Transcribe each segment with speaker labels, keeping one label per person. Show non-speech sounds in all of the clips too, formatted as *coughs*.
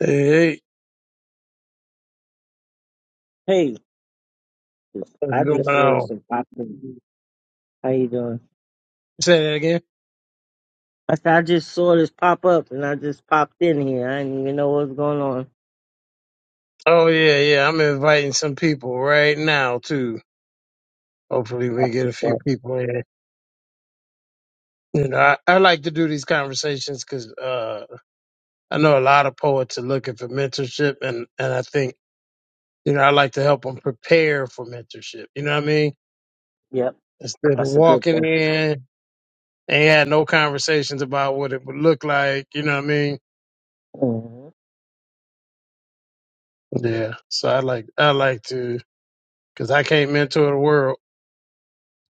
Speaker 1: Hey,
Speaker 2: Hey,
Speaker 1: what's
Speaker 2: I
Speaker 1: going
Speaker 2: just saw this
Speaker 1: on?
Speaker 2: and popped in. How you doing?
Speaker 1: Say that again.
Speaker 2: I said, I just saw this pop up and I just popped in here. I didn't even know what was going on.
Speaker 1: Oh yeah, yeah. I'm inviting some people right now too. Hopefully, we
Speaker 2: That's
Speaker 1: get a
Speaker 2: what's
Speaker 1: few
Speaker 2: up.
Speaker 1: people in. You know, I, I like to do these conversations because uh, I know a lot of poets are looking for mentorship, and and I think you know I like to help them prepare for mentorship. You know what I mean?
Speaker 2: Yep,
Speaker 1: Instead of
Speaker 2: that's a good
Speaker 1: walking
Speaker 2: thing.
Speaker 1: in and had no conversations about what it would look like. You know what I mean?
Speaker 2: hmm
Speaker 1: Yeah. So I like I like to because I can't mentor the world.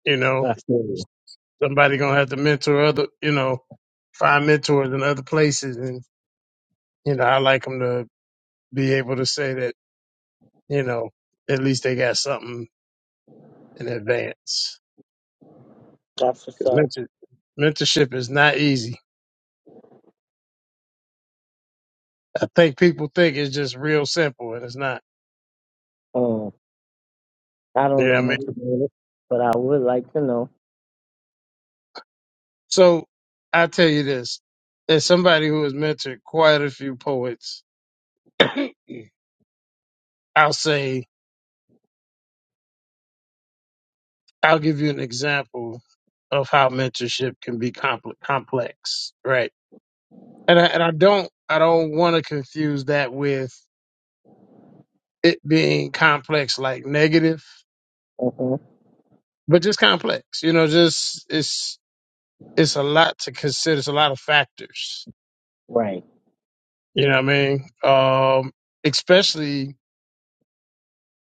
Speaker 1: You know.
Speaker 2: That's good.
Speaker 1: Somebody gonna have to mentor other, you know, find mentors in other places, and you know, I like them to be able to say that, you know, at least they got something in advance
Speaker 2: That's what's
Speaker 1: because
Speaker 2: up.
Speaker 1: mentor, mentorship is not easy. I think people think it's just real simple, and it's not.
Speaker 2: Um, I
Speaker 1: You
Speaker 2: don't
Speaker 1: know
Speaker 2: know
Speaker 1: what I
Speaker 2: much
Speaker 1: mean?
Speaker 2: about it, but I would like to know.
Speaker 1: So I tell you this: as somebody who has mentored quite a few poets, *coughs* *clears throat* I'll say I'll give you an example of how mentorship can be compl- complex, right? and I, and I don't I don't want to confuse that with it being complex like negative,
Speaker 2: hmm
Speaker 1: but just complex. You know, just it's it's a lot to consider. It's a lot of factors.
Speaker 2: Right,
Speaker 1: You know what I mean? Um, especially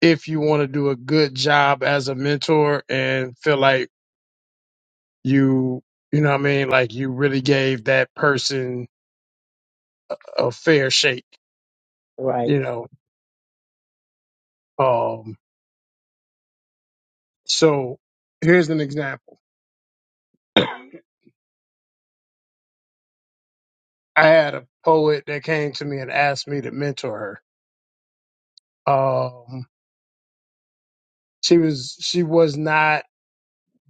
Speaker 1: if you want to do a good job as a mentor and feel like you you know what I mean, like you really gave that person a fair shake.
Speaker 2: right,
Speaker 1: You know, um, so here's an example. I had a poet that came to me and asked me to mentor her. Um, she was she was not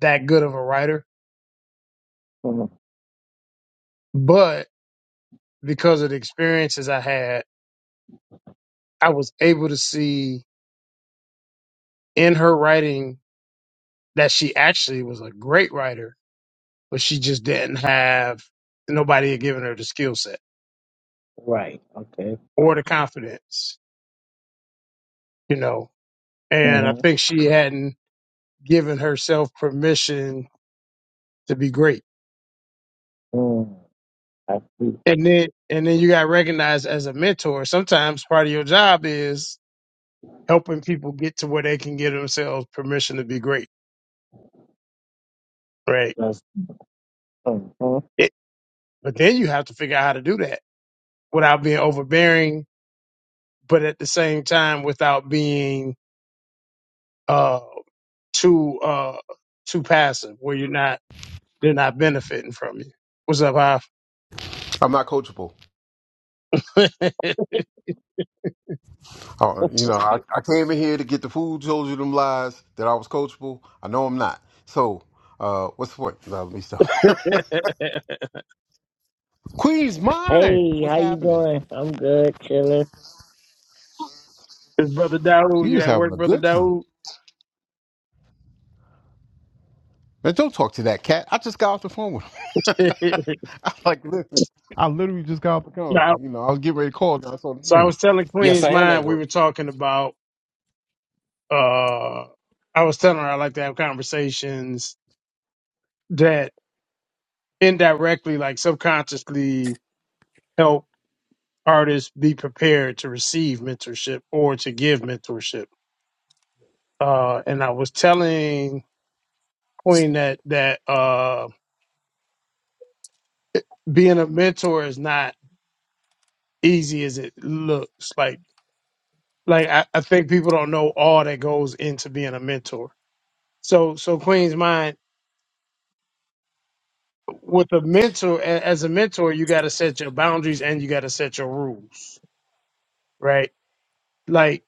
Speaker 1: that good of a writer,
Speaker 2: mm
Speaker 1: but because of the experiences I had, I was able to see in her writing that she actually was a great writer, but she just didn't have nobody had given her the skill set
Speaker 2: right. Okay.
Speaker 1: or the confidence, you know. And I
Speaker 2: hmm
Speaker 1: think she hadn't given herself permission to be great
Speaker 2: mm I see.
Speaker 1: And then and then you got recognized as a mentor. Sometimes part of your job is helping people get to where they can give themselves permission to be great, right?
Speaker 2: That's, mhm.
Speaker 1: It, but then you have to figure out how to do that without being overbearing, but at the same time without being uh too uh too passive where you're not they're not benefiting from you. What's up, Hoff?
Speaker 3: I'm not coachable.
Speaker 1: *laughs*
Speaker 3: Uh, you know, I, I came in here to get the food, told you them lies that I was coachable. I know I'm not. So, uh, what's the point? No, let me stop.
Speaker 1: It's
Speaker 3: *laughs* Queen's mine.
Speaker 2: Hey,
Speaker 3: What's
Speaker 2: how you
Speaker 3: happening?
Speaker 2: doing? I'm good, chilling.
Speaker 1: Brother Daoud.
Speaker 3: You
Speaker 1: You
Speaker 3: was
Speaker 1: at
Speaker 3: having
Speaker 1: work,
Speaker 3: a
Speaker 1: Brother
Speaker 3: good time.
Speaker 1: Daoud?
Speaker 3: Man, don't talk to that cat. I just got off the phone with him.
Speaker 1: *laughs* no,
Speaker 3: *laughs* I like, listen, I literally just got off the phone. You know, I was getting ready to call. and I saw the
Speaker 1: so I
Speaker 3: thing.
Speaker 1: was telling
Speaker 4: Yes,
Speaker 1: Queen's
Speaker 4: I am at
Speaker 1: Mind, we
Speaker 4: work.
Speaker 1: were talking about uh I was telling her I like to have conversations that indirectly, like subconsciously help artists be prepared to receive mentorship or to give mentorship. Uh and I was telling Queen that that uh being a mentor is not easy as it looks. Like like I, I think people don't know all that goes into being a mentor. So so Queen's mind with a mentor a- as a mentor, you gotta set your boundaries and you gotta set your rules right? Like,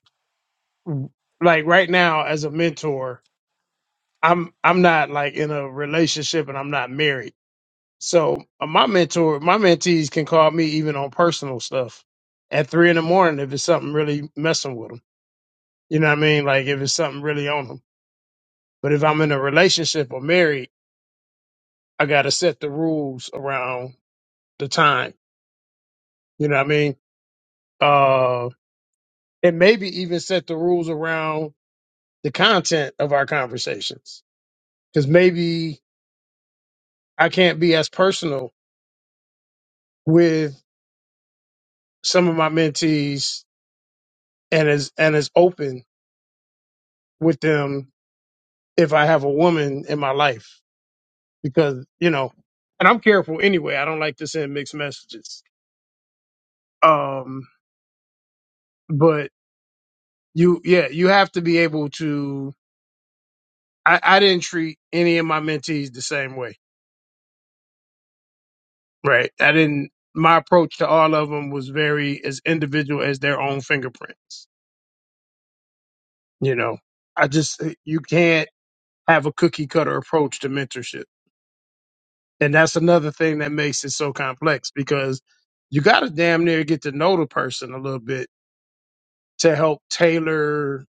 Speaker 1: like right now as a mentor, I'm I'm not like in a relationship and I'm not married. So uh, my mentor, my mentees can call me even on personal stuff at three in the morning if it's something really messing with them. You know what I mean? Like if it's something really on them. But if I'm in a relationship or married, I gotta set the rules around the time. You know what I mean? Uh, and maybe even set the rules around the content of our conversations because maybe I can't be as personal with some of my mentees and as and as open with them if I have a woman in my life because you know, and I'm careful anyway. I don't like to send mixed messages. Um, but you, yeah, you have to be able to. I, I didn't treat any of my mentees the same way, right? I didn't. My approach to all of them was very as individual as their own fingerprints. You know, I just you can't have a cookie cutter approach to mentorship. And that's another thing that makes it so complex because you got to damn near get to know the person a little bit to help tailor.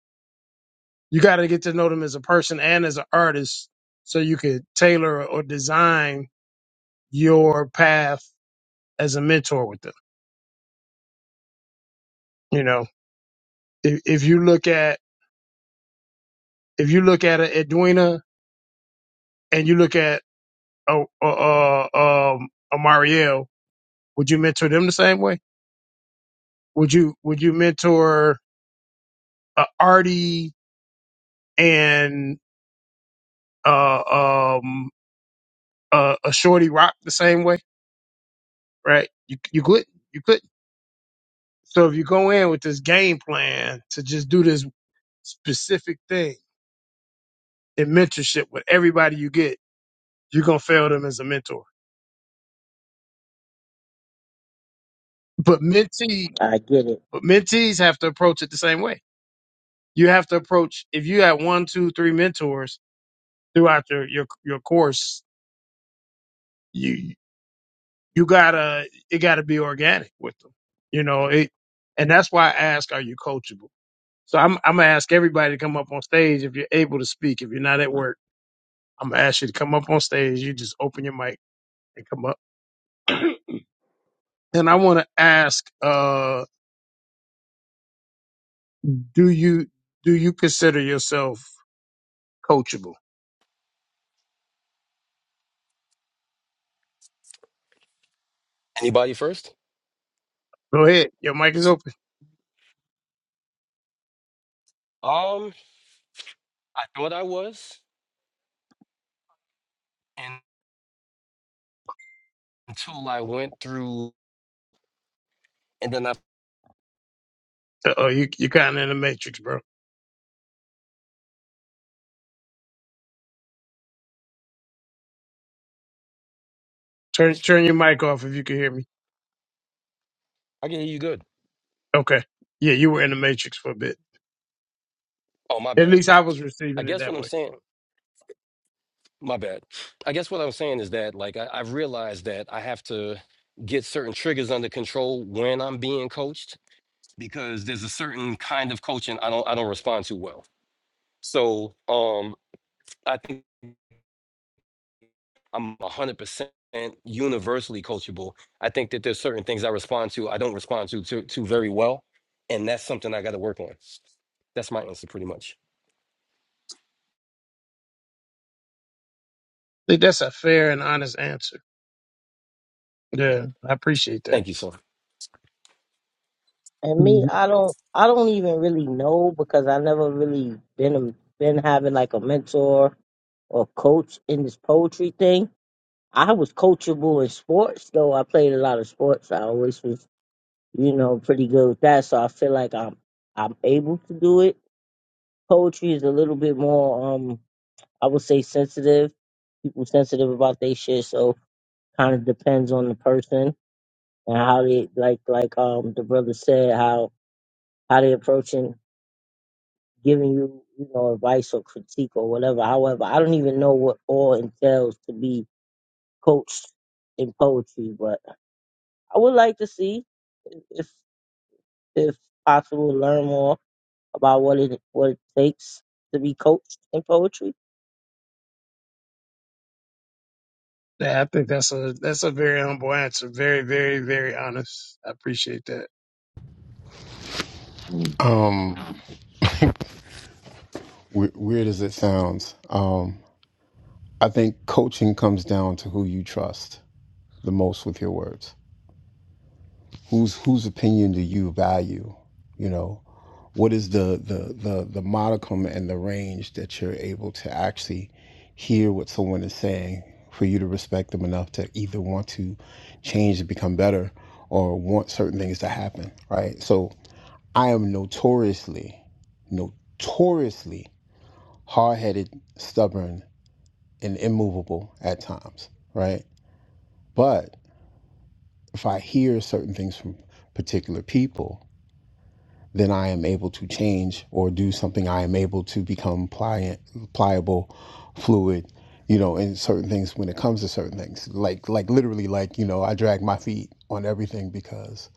Speaker 1: You got to get to know them as a person and as an artist so you could tailor or design your path as a mentor with them. You know, if, if you look at, if you look at a Edwina and you look at a, a, a, um, a Marielle, would you mentor them the same way? Would you, would you mentor uh, Artie and uh, um, uh, a Shorty Rock the same way, right? You you could not you could. not So if you go in with this game plan to just do this specific thing in mentorship with everybody you get, you're gonna fail them as a mentor. But mentee,
Speaker 2: I get it.
Speaker 1: but mentees have to approach it the same way. You have to approach if you have one, two, three mentors throughout your your your course. you gotta it gotta be organic with them you know it and that's why i ask are you coachable so i'm, I'm gonna ask everybody to come up on stage if you're able to speak if you're not at work i'm gonna ask you to come up on stage you just open your mic and come up and i want to ask uh do you do you consider yourself coachable
Speaker 4: Anybody first?
Speaker 1: go ahead your mic is open
Speaker 4: Um, I thought I was, and until I went through, and then I,
Speaker 1: oh you, you're kind of in the matrix bro turn turn your mic off if you can hear me
Speaker 4: I can hear you good.
Speaker 1: okay yeah you were in the matrix for a bit
Speaker 4: Oh, my
Speaker 1: at
Speaker 4: bad.
Speaker 1: least i was
Speaker 4: I
Speaker 1: receiving it
Speaker 4: guess
Speaker 1: that
Speaker 4: what I'm
Speaker 1: way
Speaker 4: saying, my bad. I guess what I'm saying is that, like, I, I've realized that I have to get certain triggers under control when I'm being coached because there's a certain kind of coaching I don't, I don't respond to well. So, um, I think. I'm 100% universally coachable. I think that there's certain things I respond to I don't respond to to, to very well, and that's something I got to work on. That's my answer pretty much.
Speaker 1: think that's a fair and honest answer. Yeah, I appreciate that.
Speaker 4: Thank you, sir.
Speaker 2: And me,
Speaker 1: Mhm.
Speaker 2: I don't, I don't even really know because I never really been a, been having like a mentor or coach in this poetry thing. I was coachable in sports, though I played a lot of sports. I always was, you know, pretty good with that. So I feel like I'm, I'm able to do it. Poetry is a little bit more, um, I would say sensitive. People sensitive about their shit, so kind of depends on the person and how they like, like um the brother said, how how they approaching giving you, you know, advice or critique or whatever. However, I don't even know what all entails to be coached in poetry, but I would like to see if if possible learn more about what it what it takes to be coached in poetry.
Speaker 1: Yeah, I think that's a that's a very humble answer. Very, very, very honest. I appreciate that.
Speaker 3: Um, we- weird as it sounds, um, I think coaching comes down to who you trust the most with your words. whose whose opinion do you value you know what is the the the the modicum and the range that you're able to actually hear what someone is saying for you to respect them enough to either want to change and become better or want certain things to happen right so i am notoriously notoriously hard-headed stubborn and immovable at times right but if i hear certain things from particular people then I am able to change or do something. I am able to become pliant, pliable, fluid, you know, in certain things when it comes to certain things. Like, like literally, like, you know, I drag my feet on everything because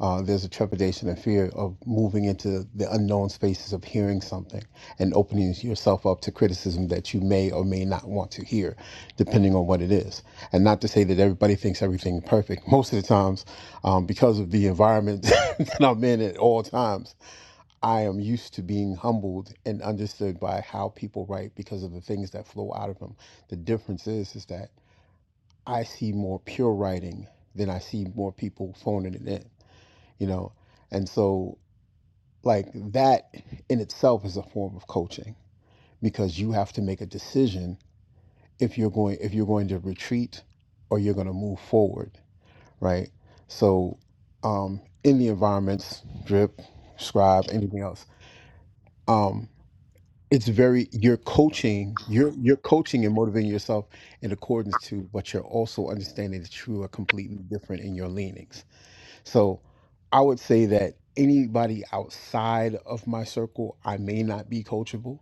Speaker 3: uh, there's a trepidation and fear of moving into the unknown spaces of hearing something and opening yourself up to criticism that you may or may not want to hear, depending on what it is. And not to say that everybody thinks everything perfect. Most of the times, um, because of the environment *laughs* that I'm in at all times, I am used to being humbled and understood by how people write because of the things that flow out of them. The difference is is that I see more pure writing than I see more people phoning it in, you know. And so like that in itself is a form of coaching because you have to make a decision if you're going if you're going to retreat or you're going to move forward, right? So um in the environments, drip, scribe, anything else. um, it's very you're coaching you're you're coaching and motivating yourself in accordance to but you're also understanding that you are completely different in your leanings so i would say that anybody outside of my circle i may not be coachable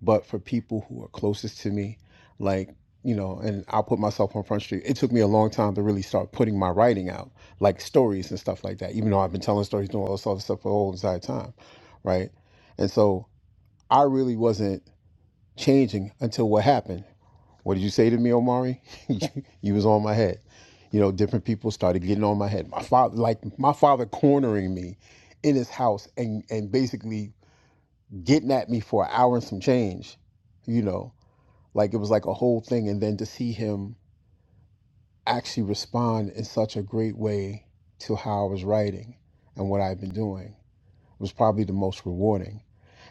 Speaker 3: but for people who are closest to me like you know and i'll put myself on front street it took me a long time to really start putting my writing out like stories and stuff like that even though i've been telling stories doing all this other stuff for the whole entire time right and so i really wasn't changing until what happened? What did you say to me, Omari? *laughs* you, you was on my head. You know, different people started getting on my head. My father, like my father, cornering me in his house and and basically getting at me for an hour and some change. You know, like it was like a whole thing. And then to see him actually respond in such a great way to how I was writing and what I've been doing was probably the most rewarding.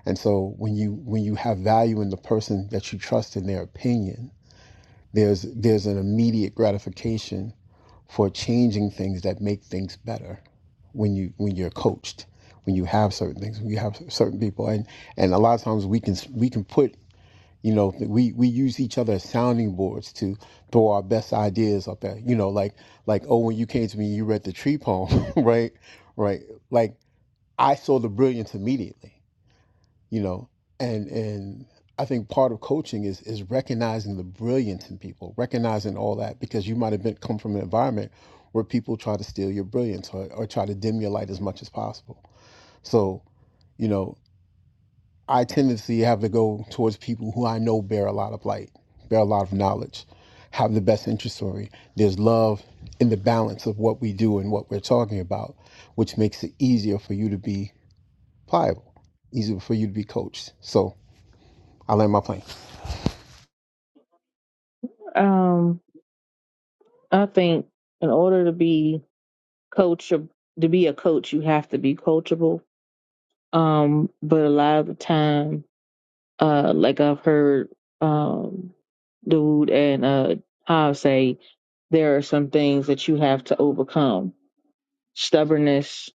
Speaker 3: And so when you when you have value in the person that you trust in their opinion There's there's an immediate gratification for changing things that make things better when you when you're coached, when you have certain things, when you have certain people, and and a lot of times we can we can put you know we we use each other as sounding boards to throw our best ideas up there. You know, like like oh when you came to me you read the tree poem, *laughs* right, right, like I saw the brilliance immediately you know and and i think part of coaching is is recognizing the brilliance in people recognizing all that because you might have been come from an environment where people try to steal your brilliance or, or try to dim your light as much as possible so you know i tendency have to go towards people who i know bear a lot of light bear a lot of knowledge have the best interest story there's love in the balance of what we do and what we're talking about which makes it easier for you to be pliable easier for you to be coached so i land my plane
Speaker 5: Um, I think in order to be coach to be a coach, you have to be coachable. Um, but a lot of the time, uh, like I've heard, um, dude and uh, how say there are some things that you have to overcome: stubbornness,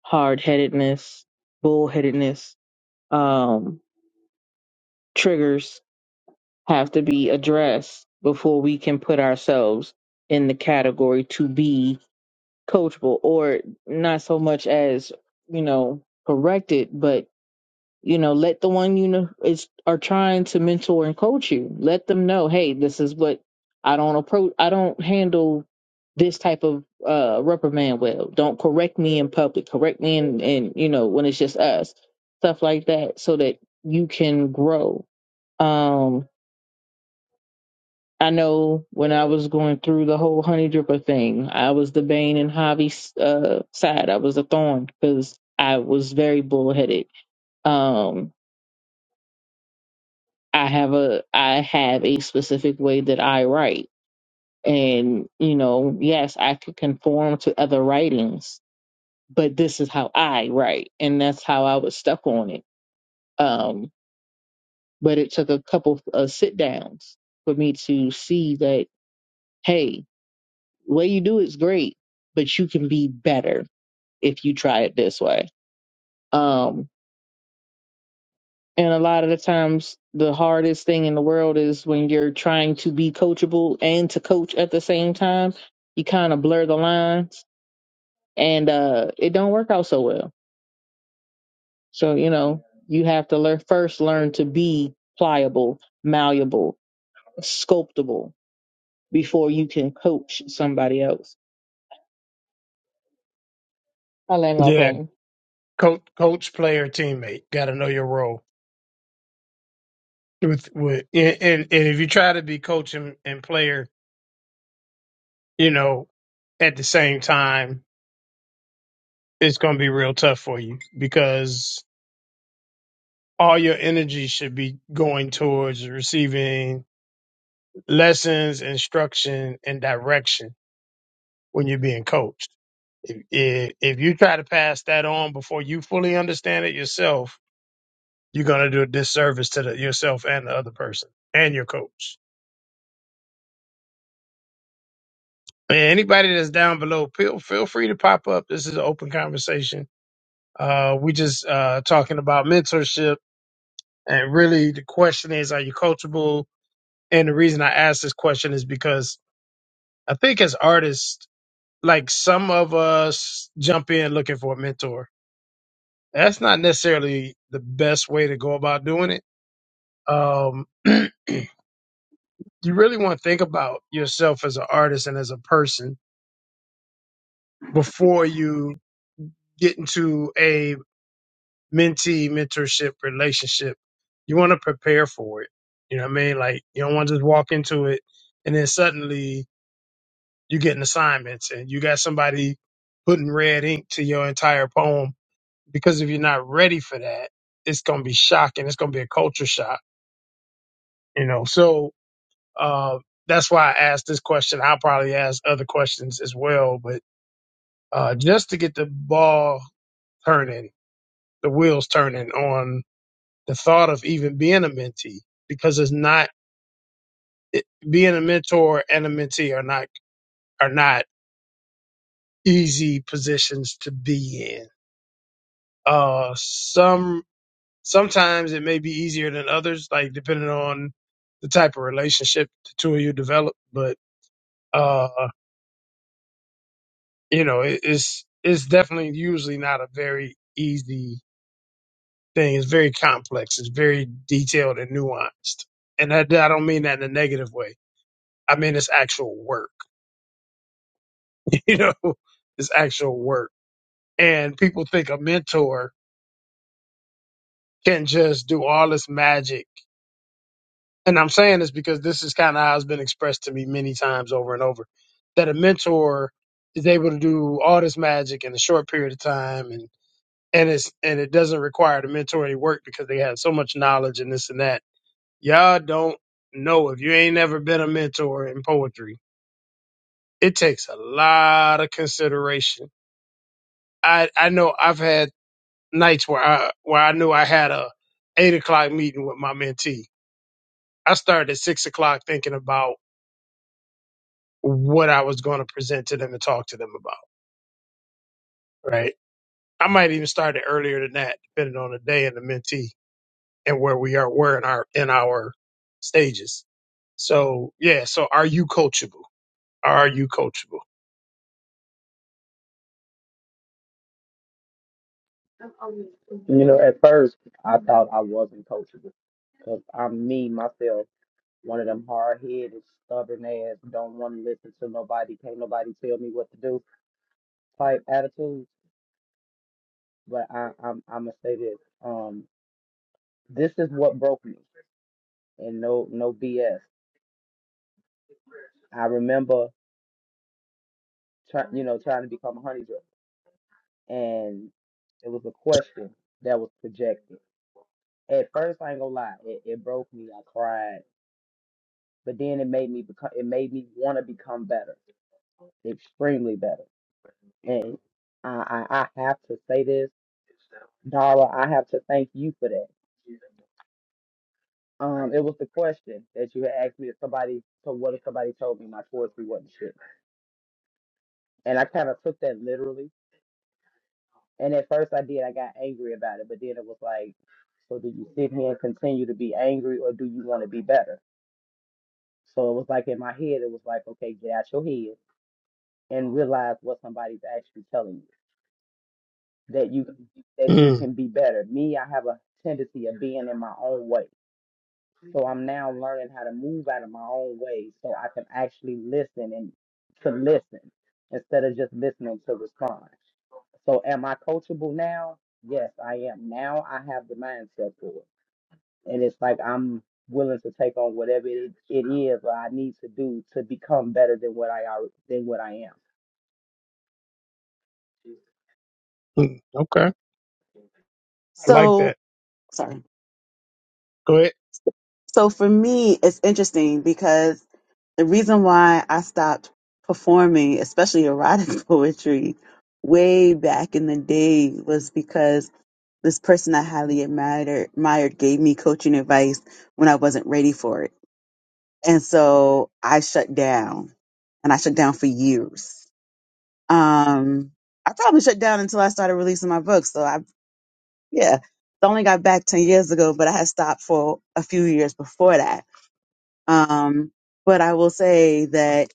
Speaker 5: hard headedness, bullheadedness, um, triggers have to be addressed before we can put ourselves in the category to be coachable or not so much as you know corrected but you know let the one you know is are trying to mentor and coach you let them know hey this is what i don't approach i don't handle this type of uh reprimand well don't correct me in public correct me in and you know when it's just us stuff like that so that you can grow Um, I know when I was going through the whole honey dripper thing, I was the bane in Javi's uh, side. I was a thorn because I was very bullheaded. Um, I have a I have a specific way that I write, and you know, yes, I could conform to other writings, but this is how I write, and that's how I was stuck on it. Um, but it took a couple of uh, sit downs for me to see that. Hey, The Way you do is great, but you can be better if you try it this way. Um, and a lot of the times, the hardest thing in the world is when you're trying to be coachable and to coach at the same time. You kind of blur the lines, and uh, it don't work out so well. So you know, you have to learn first learn to be pliable, malleable, sculptable before you can coach somebody else. I land my
Speaker 1: Yeah,
Speaker 5: plane.
Speaker 1: coach, coach, player, teammate. Got to know your role. With with and, and and if you try to be coach and, and player, you know, at the same time, it's going to be real tough for you because all your energy should be going towards receiving lessons, instruction, and direction when you're being coached If, if if you try to pass that on before you fully understand it yourself, you're gonna do a disservice to the, yourself and the other person and your coach. And anybody that's down below, feel feel free to pop up. This is an open conversation. Uh, we just uh, talking about mentorship, and really the question is, are you coachable? And the reason I ask this question is because I think as artists, like some of us jump in looking for a mentor. That's not necessarily the best way to go about doing it um, *clears throat* you really want to think about yourself as an artist and as a person before you get into a mentee mentorship relationship. You want to prepare for it. You know what I mean? Like you don't want to just walk into it and then suddenly you getting assignments and you got somebody putting red ink to your entire poem because if you're not ready for that, it's gonna be shocking. It's gonna be a culture shock. You know, so Uh, that's why I asked this question. I'll probably ask other questions as well, but uh, just to get the ball turning, the wheels turning on the thought of even being a mentee, because it's not it, being a mentor and a mentee are not are not easy positions to be in. Uh, some sometimes it may be easier than others, like depending on the type of relationship the two of you develop, but. uh. you know, it, it's it's definitely usually not a very easy thing. It's very complex. It's very detailed and nuanced. And that, I don't mean that in a negative way. I mean it's actual work. *laughs* You know, it's actual work. And people think a mentor can just do all this magic. And I'm saying this because this is kind of how it's been expressed to me many times over and over that a mentor is able to do all this magic in a short period of time and it's and it doesn't require the mentor any work because they have so much knowledge and this and that. Y'all don't know if you ain't never been a mentor in poetry. It takes a lot of consideration. I I know I've had nights where I where I knew I had a eight o'clock meeting with my mentee. I started at six o'clock thinking about what I was going to present to them and talk to them about. Right. I might even start it earlier than that, depending on the day and the mentee and where we are we're in our in our stages so yeah so are you coachable are you coachable
Speaker 6: You know, at first I thought I wasn't coachable because I'm me myself, one of them hard headed, stubborn ass, don't want to listen to nobody, can't nobody tell me what to do type attitude. But I, I'm I'm gonna say this. Um, this is what broke me, and no no BS. I remember trying, you know, trying to become a honey drug, and it was a question that was projected. At first, I ain't gonna lie, it, it broke me. I cried. but then it made me become it made me want to become better extremely better and I, I i have to say this dara i have to thank you for that um it was the question that you had asked me if somebody so what if somebody told me my poetry wasn't shit and i kind of took that literally and at first i did i got angry about it but then it was like so do you sit here and continue to be angry or do you want to be better so it was like in my head it was like okay get out your head and realize what somebody's actually telling you that you that you
Speaker 1: mm
Speaker 6: can be better. Me, I have a tendency of being in my own way. So I'm now learning how to move out of my own way so I can actually listen and to listen instead of just listening to respond. So am I coachable now? Yes, I am. Now I have the mindset for it. And it's like I'm willing to take on whatever it, it is that I need to do to become better than what I are than what I am.
Speaker 1: mm, okay i like
Speaker 7: So,
Speaker 1: that
Speaker 7: sorry.
Speaker 1: go ahead
Speaker 7: So for me, it's interesting because the reason why I stopped performing, especially erotic *laughs* poetry, way back in the day was because this person I highly admired, admired gave me coaching advice when I wasn't ready for it. And so I shut down and I shut down for years. Um, I probably shut down until I started releasing my books. So I, yeah, I only got back 10 years ago, but I had stopped for a few years before that Um, but I will say that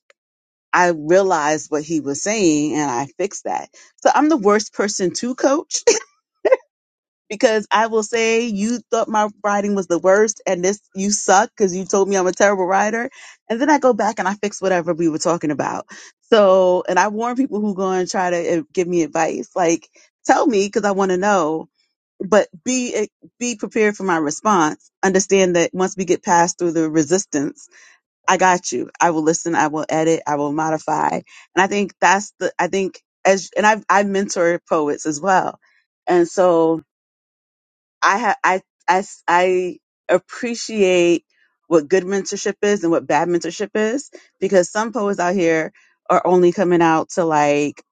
Speaker 7: I realized what he was saying and I fixed that. So I'm the worst person to coach *laughs* because I will say you thought my writing was the worst and this you suck because you told me I'm a terrible writer. And then I go back and I fix whatever we were talking about. So, and I warn people who go and try to uh, give me advice, like tell me because I want to know, but be, eh, be prepared for my response. Understand that once we get past through the resistance, I got you. I will listen. I will edit. I will modify. And I think that's the, I think as, and I've, I mentor poets as well. And so I have, I, I, s- I appreciate what good mentorship is and what bad mentorship is because some poets out here are only coming out to like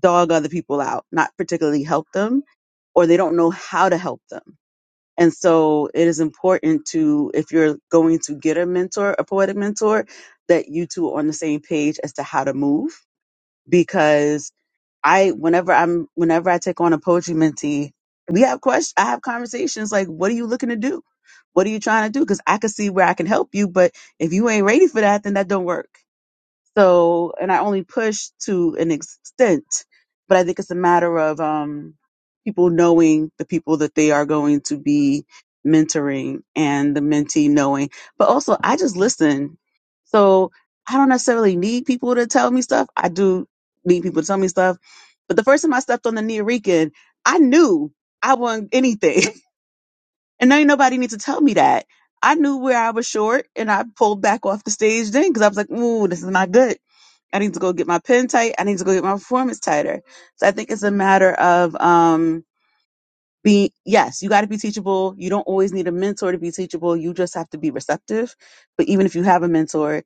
Speaker 7: dog other people out, not particularly help them, or they don't know how to help them. And so it is important to, if you're going to get a mentor, a poetic mentor, that you two are on the same page as to how to move. Because I, whenever I'm, whenever I take on a poetry mentee, we have questions, I have conversations like, what are you looking to do? What are you trying to do? Because I can see where I can help you, but if you ain't ready for that, then that don't work. So, and I only push to an extent, but I think it's a matter of um, people knowing the people that they are going to be mentoring and the mentee knowing. But also, I just listen. So I don't necessarily need people to tell me stuff. I do need people to tell me stuff. But the first time I stepped on the Neorican, I knew I wasn't anything. *laughs* and ain't nobody need to tell me that. I knew where I was short and I pulled back off the stage then because I was like, ooh, this is not good I need to go get my pen tight. I need to go get my performance tighter. So I think it's a matter of um being yes, you got to be teachable. You don't always need a mentor to be teachable. You just have to be receptive. But even if you have a mentor,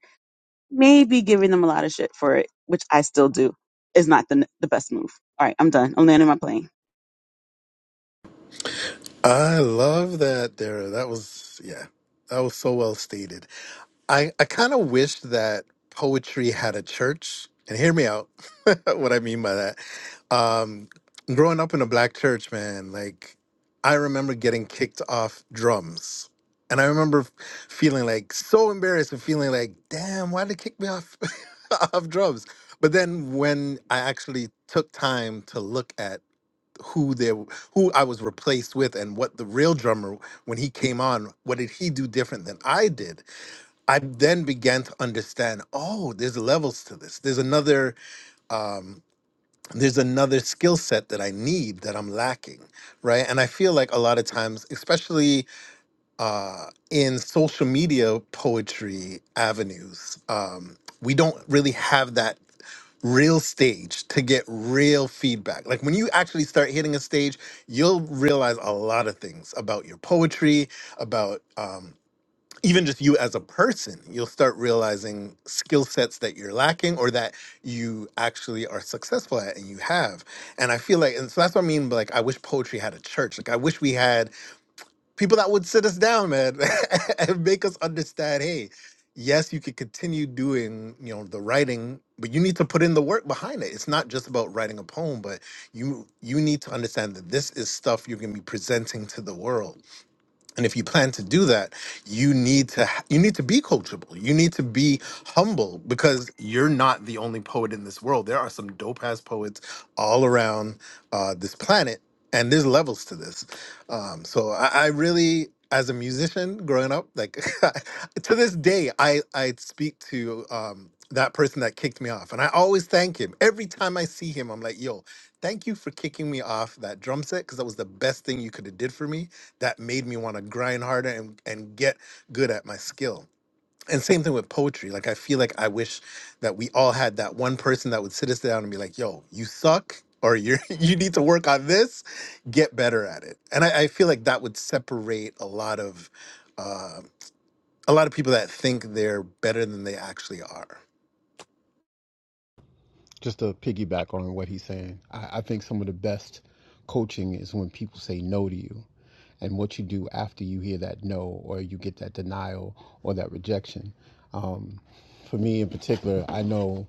Speaker 7: maybe giving them a lot of shit for it, which I still do, is not the the best move. All right, I'm done. I'm landing my plane.
Speaker 8: I love that, Dara. That was yeah, that was so well stated. I I kind of wish that poetry had a church. And hear me out. *laughs* what I mean by that, um, growing up in a black church, man, like I remember getting kicked off drums. And I remember f- feeling like so embarrassed and feeling like, damn, why did they kick me off *laughs* off drums? But then when I actually took time to look at who there who I was replaced with and what the real drummer when he came on what did he do different than I did I then began to understand oh there's levels to this there's another um there's another skill set that I need that I'm lacking right and I feel like a lot of times especially uh in social media poetry avenues um we don't really have that real stage to get real feedback. Like when you actually start hitting a stage, you'll realize a lot of things about your poetry, about um, even just you as a person. You'll start realizing skill sets that you're lacking or that you actually are successful at and you have. And I feel like, and so that's what I mean. by, Like I wish poetry had a church. Like I wish we had people that would sit us down, man, *laughs* and make us understand, hey, yes, you could continue doing, you know, the writing, but you need to put in the work behind it. It's not just about writing a poem, but you you need to understand that this is stuff you're gonna be presenting to the world and if you plan to do that you need to ha- you need to be coachable you need to be humble because you're not the only poet in this world there are some dope ass poets all around uh, this planet and there's levels to this um, so I, I really as a musician growing up like *laughs* to this day i i speak to um, that person that kicked me off and i always thank him every time i see him i'm like yo thank you for kicking me off that drum set because that was the best thing you could have did for me that made me want to grind harder and, and get good at my skill. And same thing with poetry. Like I feel like I wish that we all had that one person that would sit us down and be like, yo, you suck or you're *laughs* you need to work on this, get better at it. And I, I feel like that would separate a lot of uh, a lot of people that think they're better than they actually are.
Speaker 3: Just to piggyback on what he's saying, I, I think some of the best coaching is when people say no to you and what you do after you hear that no or you get that denial or that rejection. Um, for me in particular, I know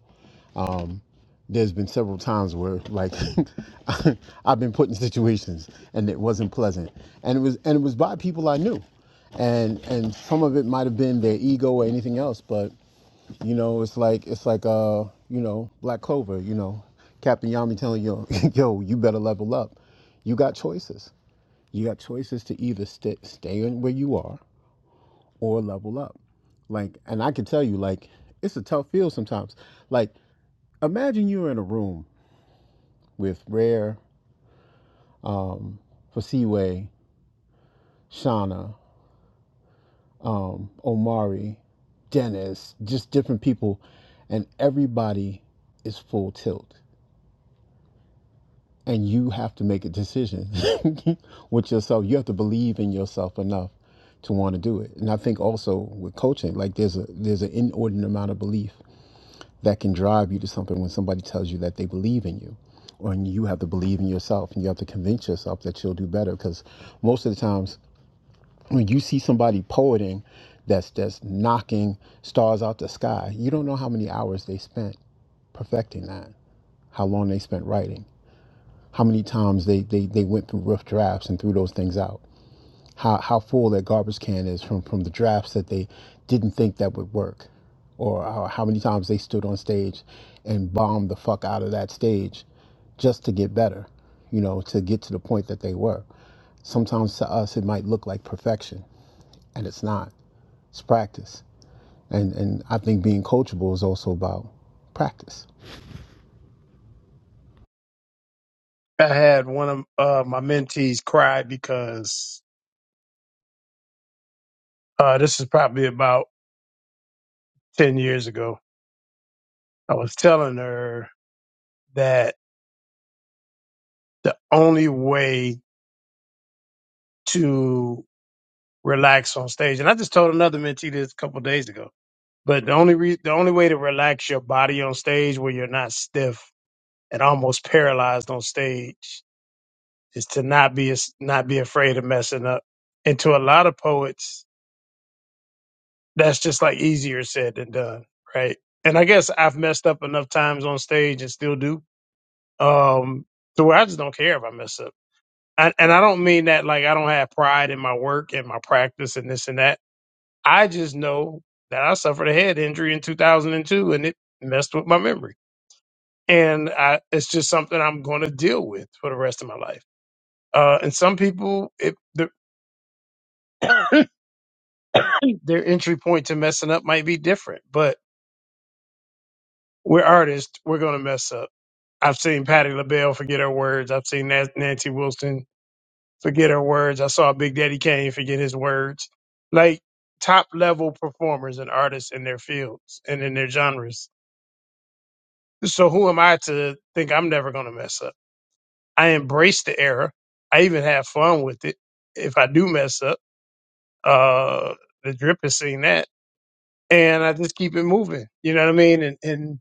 Speaker 3: um, there's been several times where like *laughs* I've been put in situations and it wasn't pleasant, and it was and it was by people I knew, and and some of it might have been their ego or anything else, but you know, it's like it's like uh, you know, Black Clover, you know, Captain Yami telling you, *laughs* yo, you better level up. You got choices. You got choices to either st- stay in where you are or level up. Like, and I can tell you, like, it's a tough field sometimes. Like, imagine you're in a room with Rare, Fasiwe, Shauna, um, Omari, Dennis, just different people, and everybody is full tilt. and you have to make a decision *laughs* with yourself. You have to believe in yourself enough to want to do it. And I think also with coaching, like there's a there's an inordinate amount of belief that can drive you to something when somebody tells you that they believe in you. Or and you have to believe in yourself and you have to convince yourself that you'll do better. Because most of the times when you see somebody poeting that's that's knocking stars out the sky, you don't know how many hours they spent perfecting that, how long they spent writing how many times they, they, they went through rough drafts and threw those things out. How, how full that garbage can is from, from the drafts that they didn't think that would work. Or how, how many times they stood on stage and bombed the fuck out of that stage just to get better, you know, to get to the point that they were. Sometimes to us, it might look like perfection, and it's not. It's practice. And, and I think being coachable is also about practice
Speaker 1: i had one of uh, my mentees cry because uh, this is probably about 10 years ago i was telling her that the only way to relax on stage and i just told another mentee this a couple of days ago but the only re- the only way to relax your body on stage where you're not stiff and almost paralyzed on stage is to not be as- not be afraid of messing up. And to a lot of poets, that's just like easier said than done, right? And I guess I've messed up enough times on stage and still do, um, to where I just don't care if I mess up. And, and I don't mean that like I don't have pride in my work and my practice and this and that. I just know that I suffered a head injury in 2002 and two, and it messed with my memory. And I, it's just something I'm going to deal with for the rest of my life Uh, and some people, it, their, *coughs* their entry point to messing up might be different, but we're artists. We're going to mess up. I've seen Patti LaBelle forget her words. I've seen Nas- Nancy Wilson forget her words. I saw Big Daddy Kane forget his words. Like top level performers and artists in their fields and in their genres. So who am I to think I'm never going to mess up? I embrace the error. I even have fun with it. If I do mess up, uh, the drip has seen that and I just keep it moving. You know what I mean? And and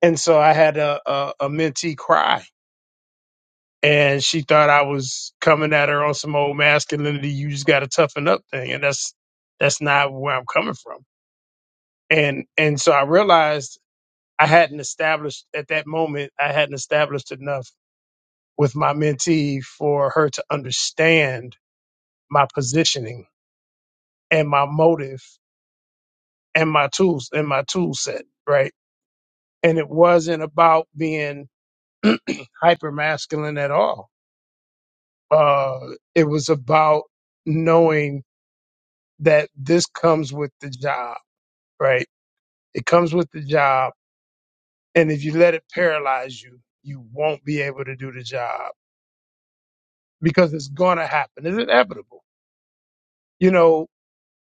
Speaker 1: and so I had a a, a mentee cry, and she thought I was coming at her on some old masculinity. You just got to toughen up thing, and that's that's not where I'm coming from. And and so I realized I hadn't established at that moment. I hadn't established enough with my mentee for her to understand my positioning and my motive and my tools and my tool set. Right. And it wasn't about being *clears throat* hyper masculine at all. Uh, it was about knowing that this comes with the job, right? It comes with the job. And if you let it paralyze you, you won't be able to do the job because it's going to happen. It's inevitable. You know,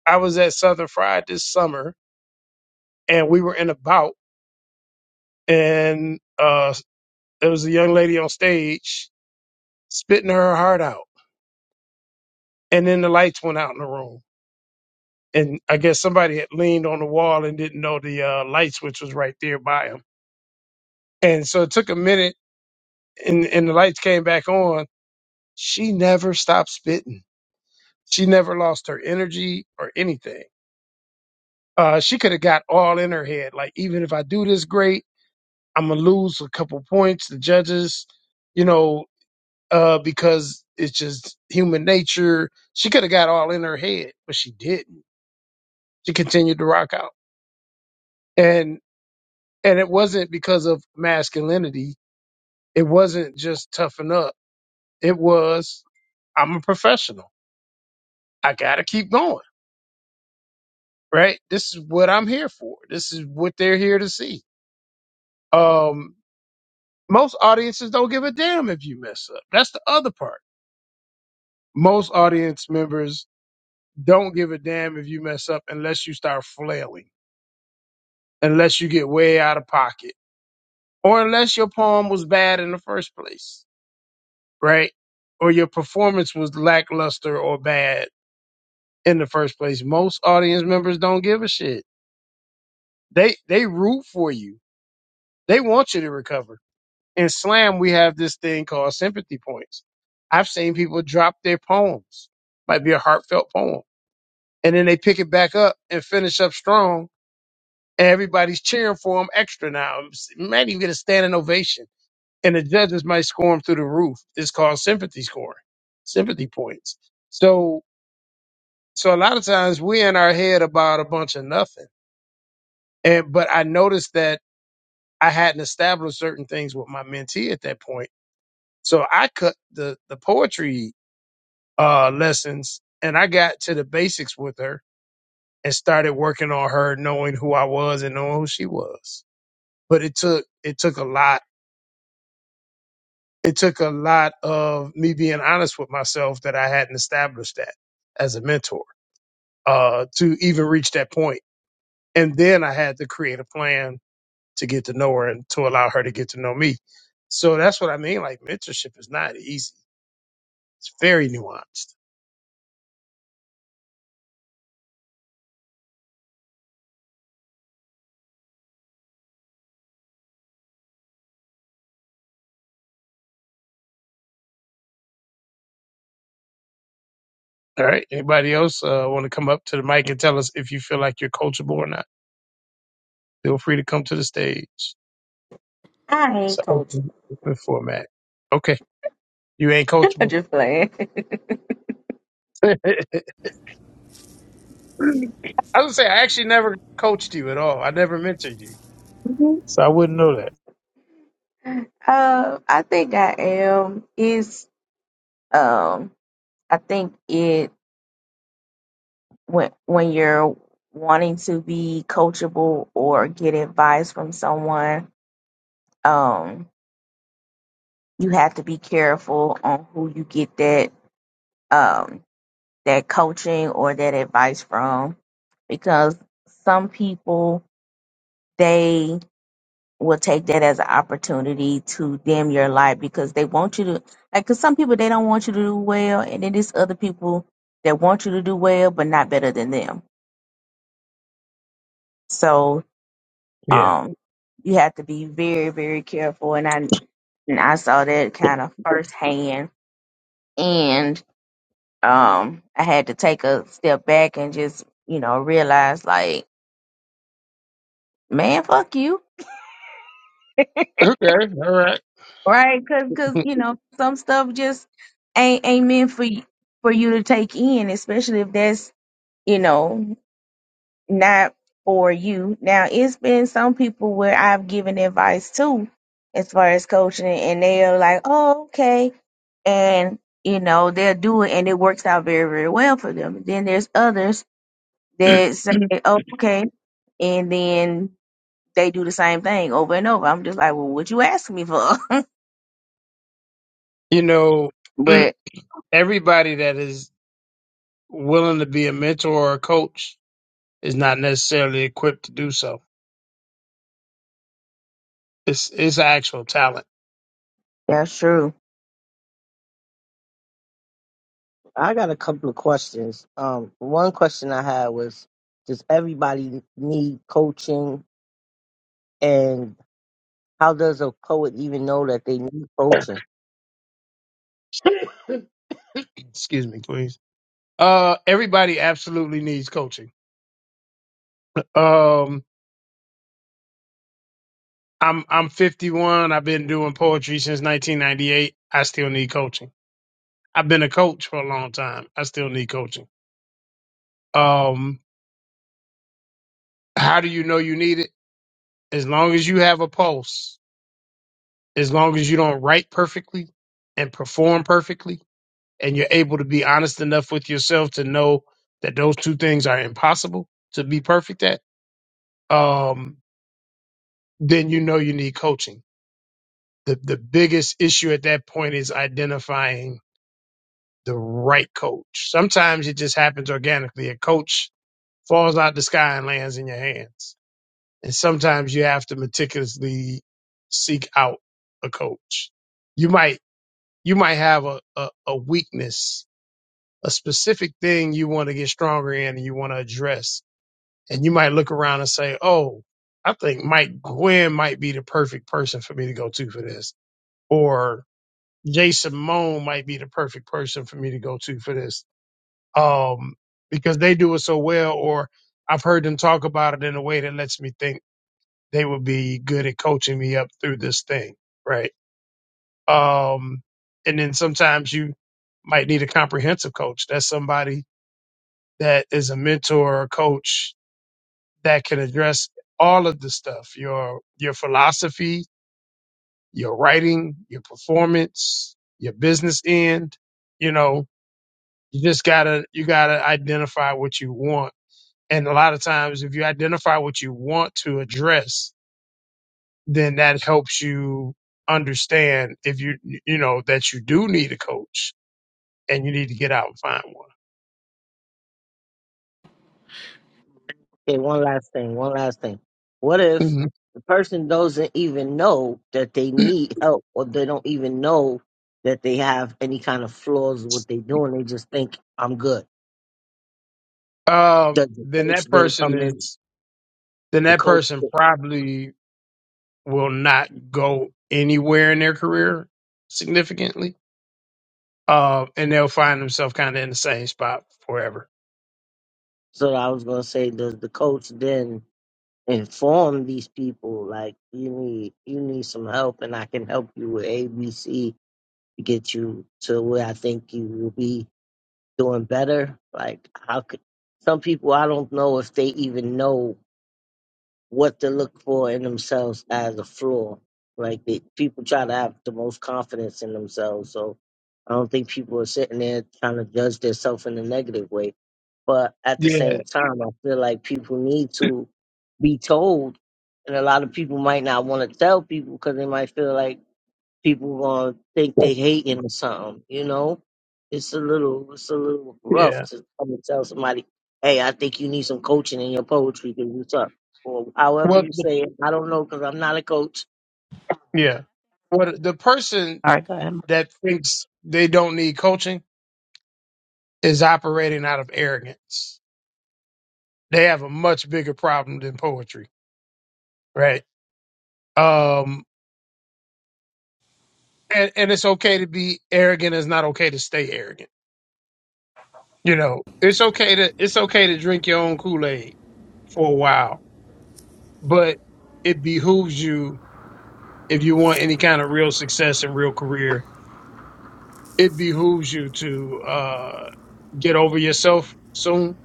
Speaker 1: I was at Southern Fried this summer and we were in a bout and, uh, there was a young lady on stage spitting her heart out and then the lights went out in the room and I guess somebody had leaned on the wall and didn't know the uh, light switch was right there by him. And so it took a minute, and, and the lights came back on. She never stopped spitting. She never lost her energy or anything. Uh, she could have got all in her head. Like, even if I do this great, I'm going to lose a couple points. The judges, you know, uh, because it's just human nature. She could have got all in her head, but she didn't. She continued to rock out. and. and it wasn't because of masculinity. It wasn't just toughen up. It was I'm a professional. I gotta keep going. Right? This is what I'm here for. This is what they're here to see. Um, most audiences don't give a damn if you mess up. That's the other part. Most audience members don't give a damn if you mess up unless you start flailing, unless you get way out of pocket, or unless your poem was bad in the first place, right? Or your performance was lackluster or bad in the first place. Most audience members don't give a shit. They they root for you. They want you to recover. In slam, we have this thing called sympathy points. I've seen people drop their poems, might be a heartfelt poem, and then they pick it back up and finish up strong. And everybody's cheering for them extra now. You Might even get a standing ovation, and the judges might score them through the roof. It's called sympathy scoring, sympathy points. So so a lot of times we're in our head about a bunch of nothing And but I noticed that I hadn't established certain things with my mentee at that point. So I cut the the poetry uh lessons and I got to the basics with her and started working on her knowing who I was and knowing who she was. But it took it took a lot. It took a lot of me being honest with myself that I hadn't established that as a mentor uh to even reach that point. And then I had to create a plan to get to know her and to allow her to get to know me. So that's what I mean. Like mentorship is not easy. It's very nuanced. All right. Anybody else uh, want to come up to the mic and tell us if you feel like you're coachable or not? Feel free to come to the stage.
Speaker 9: I
Speaker 1: So
Speaker 9: ain't coaching.
Speaker 1: open, open format. Okay. You ain't
Speaker 9: *laughs* I'm
Speaker 1: coachable.
Speaker 9: just playing. *laughs*
Speaker 1: *laughs* I would say I actually never coached you at all. I never mentored you.
Speaker 9: Mhm.
Speaker 1: So I wouldn't know that.
Speaker 9: Uh, I think I am. Is um, I think it when when you're wanting to be coachable or get advice from someone, um, you have to be careful on who you get that um that coaching or that advice from because some people will take that as an opportunity to dim your light because they want you to like cuz some people they don't want you to do well and then there's other people that want you to do well but not better than them. So,
Speaker 1: Yeah.
Speaker 9: um you have to be very very careful and I and I saw that kind of firsthand and um I had to take a step back and just, you know, realize like, man, fuck you
Speaker 1: Okay. All right.
Speaker 9: right? Cause, 'cause, you know some stuff just ain't ain't meant for you, for you to take in, especially if that's you know not for you. Now it's been some people where I've given advice to, as far as coaching, and they are like, oh okay, and you know they'll do it, and it works out very very well for them. Then there's others that say,
Speaker 1: *clears throat*
Speaker 9: oh, okay, and then they do the same thing over and over. I'm just like, well, what you asking me for? *laughs*
Speaker 1: you know, *clears throat*
Speaker 9: but
Speaker 1: everybody that is willing to be a mentor or a coach is not necessarily equipped to do so. It's it's actual talent.
Speaker 9: that's true.
Speaker 2: I got a couple of questions. Um one question I had was does everybody need coaching and how does a poet even know that they need coaching?
Speaker 1: *laughs* *clears throat* Excuse me, please. Uh, everybody absolutely needs coaching. Um, I'm I'm 51. I've been doing poetry since 1998. I still need coaching. I've been a coach for a long time. I still need coaching. Um, how do you know you need it? As long as you have a pulse, as long as you don't write perfectly and perform perfectly, and you're able to be honest enough with yourself to know that those two things are impossible to be perfect at, um, then you know you need coaching. The the biggest issue at that point is identifying the right coach. Sometimes it just happens organically. A coach falls out the sky and lands in your hands. And sometimes you have to meticulously seek out a coach. You might you might have a, a, a weakness a specific thing you want to get stronger in and you want to address. And you might look around and say, Oh, I think Mike Gwynn might be the perfect person for me to go to for this. Or Jason Moan might be the perfect person for me to go to for this. Um, because they do it so well, or I've heard them talk about it in a way that lets me think they would be good at coaching me up through this thing. Right. Um, and then sometimes you might need a comprehensive coach. That's somebody that is a mentor or a coach that can address all of the stuff your your philosophy your writing your performance your business end you know you just gotta you gotta identify what you want and a lot of times if you identify what you want to address then that helps you understand if you you know that you do need a coach and you need to get out and find one
Speaker 2: Okay, one last thing. One last thing. What if
Speaker 1: Mhm.
Speaker 2: the person doesn't even know that they need help, or they don't even know that they have any kind of flaws with what they're doing? They just think I'm good.
Speaker 1: Um,
Speaker 2: Does
Speaker 1: *clears throat*
Speaker 2: the
Speaker 1: then
Speaker 2: coach
Speaker 1: that
Speaker 2: then
Speaker 1: person
Speaker 2: come in?
Speaker 1: is then
Speaker 2: The
Speaker 1: that
Speaker 2: coach.
Speaker 1: person probably will not go anywhere in their career significantly. Uh, and they'll find themselves kind of in the same spot forever.
Speaker 2: So I was gonna say, does the coach then inform these people like you need you need some help, and I can help you with A, B, C to get you to where I think you will be doing better. Like how could some people I don't know if they even know what to look for in themselves as a flaw. Like they, people try to have the most confidence in themselves, so I don't think people are sitting there trying to judge themselves in a negative way. But at the
Speaker 1: Yeah.
Speaker 2: same time, I feel like people need to be told, and a lot of people might not want to tell people because they might feel like people gonna think they hating or something, you know? It's a little it's a little rough
Speaker 1: Yeah.
Speaker 2: to come and tell somebody, Hey, I think you need some
Speaker 10: All
Speaker 2: coaching in your poetry because you suck. Or however
Speaker 1: Well,
Speaker 2: you
Speaker 1: the-
Speaker 2: say it. I don't know because I'm not a coach.
Speaker 1: yeah. Well, the person
Speaker 10: right, go ahead.
Speaker 1: that thinks they don't need coaching is operating out of arrogance. They have a much bigger problem than poetry, right? Um, and, and it's okay to be arrogant. It's not okay to stay arrogant You know, it's okay to it's okay to drink your own Kool-Aid for a while, but it behooves you if you want any kind of real success and real career, it behooves you to uh get over yourself soon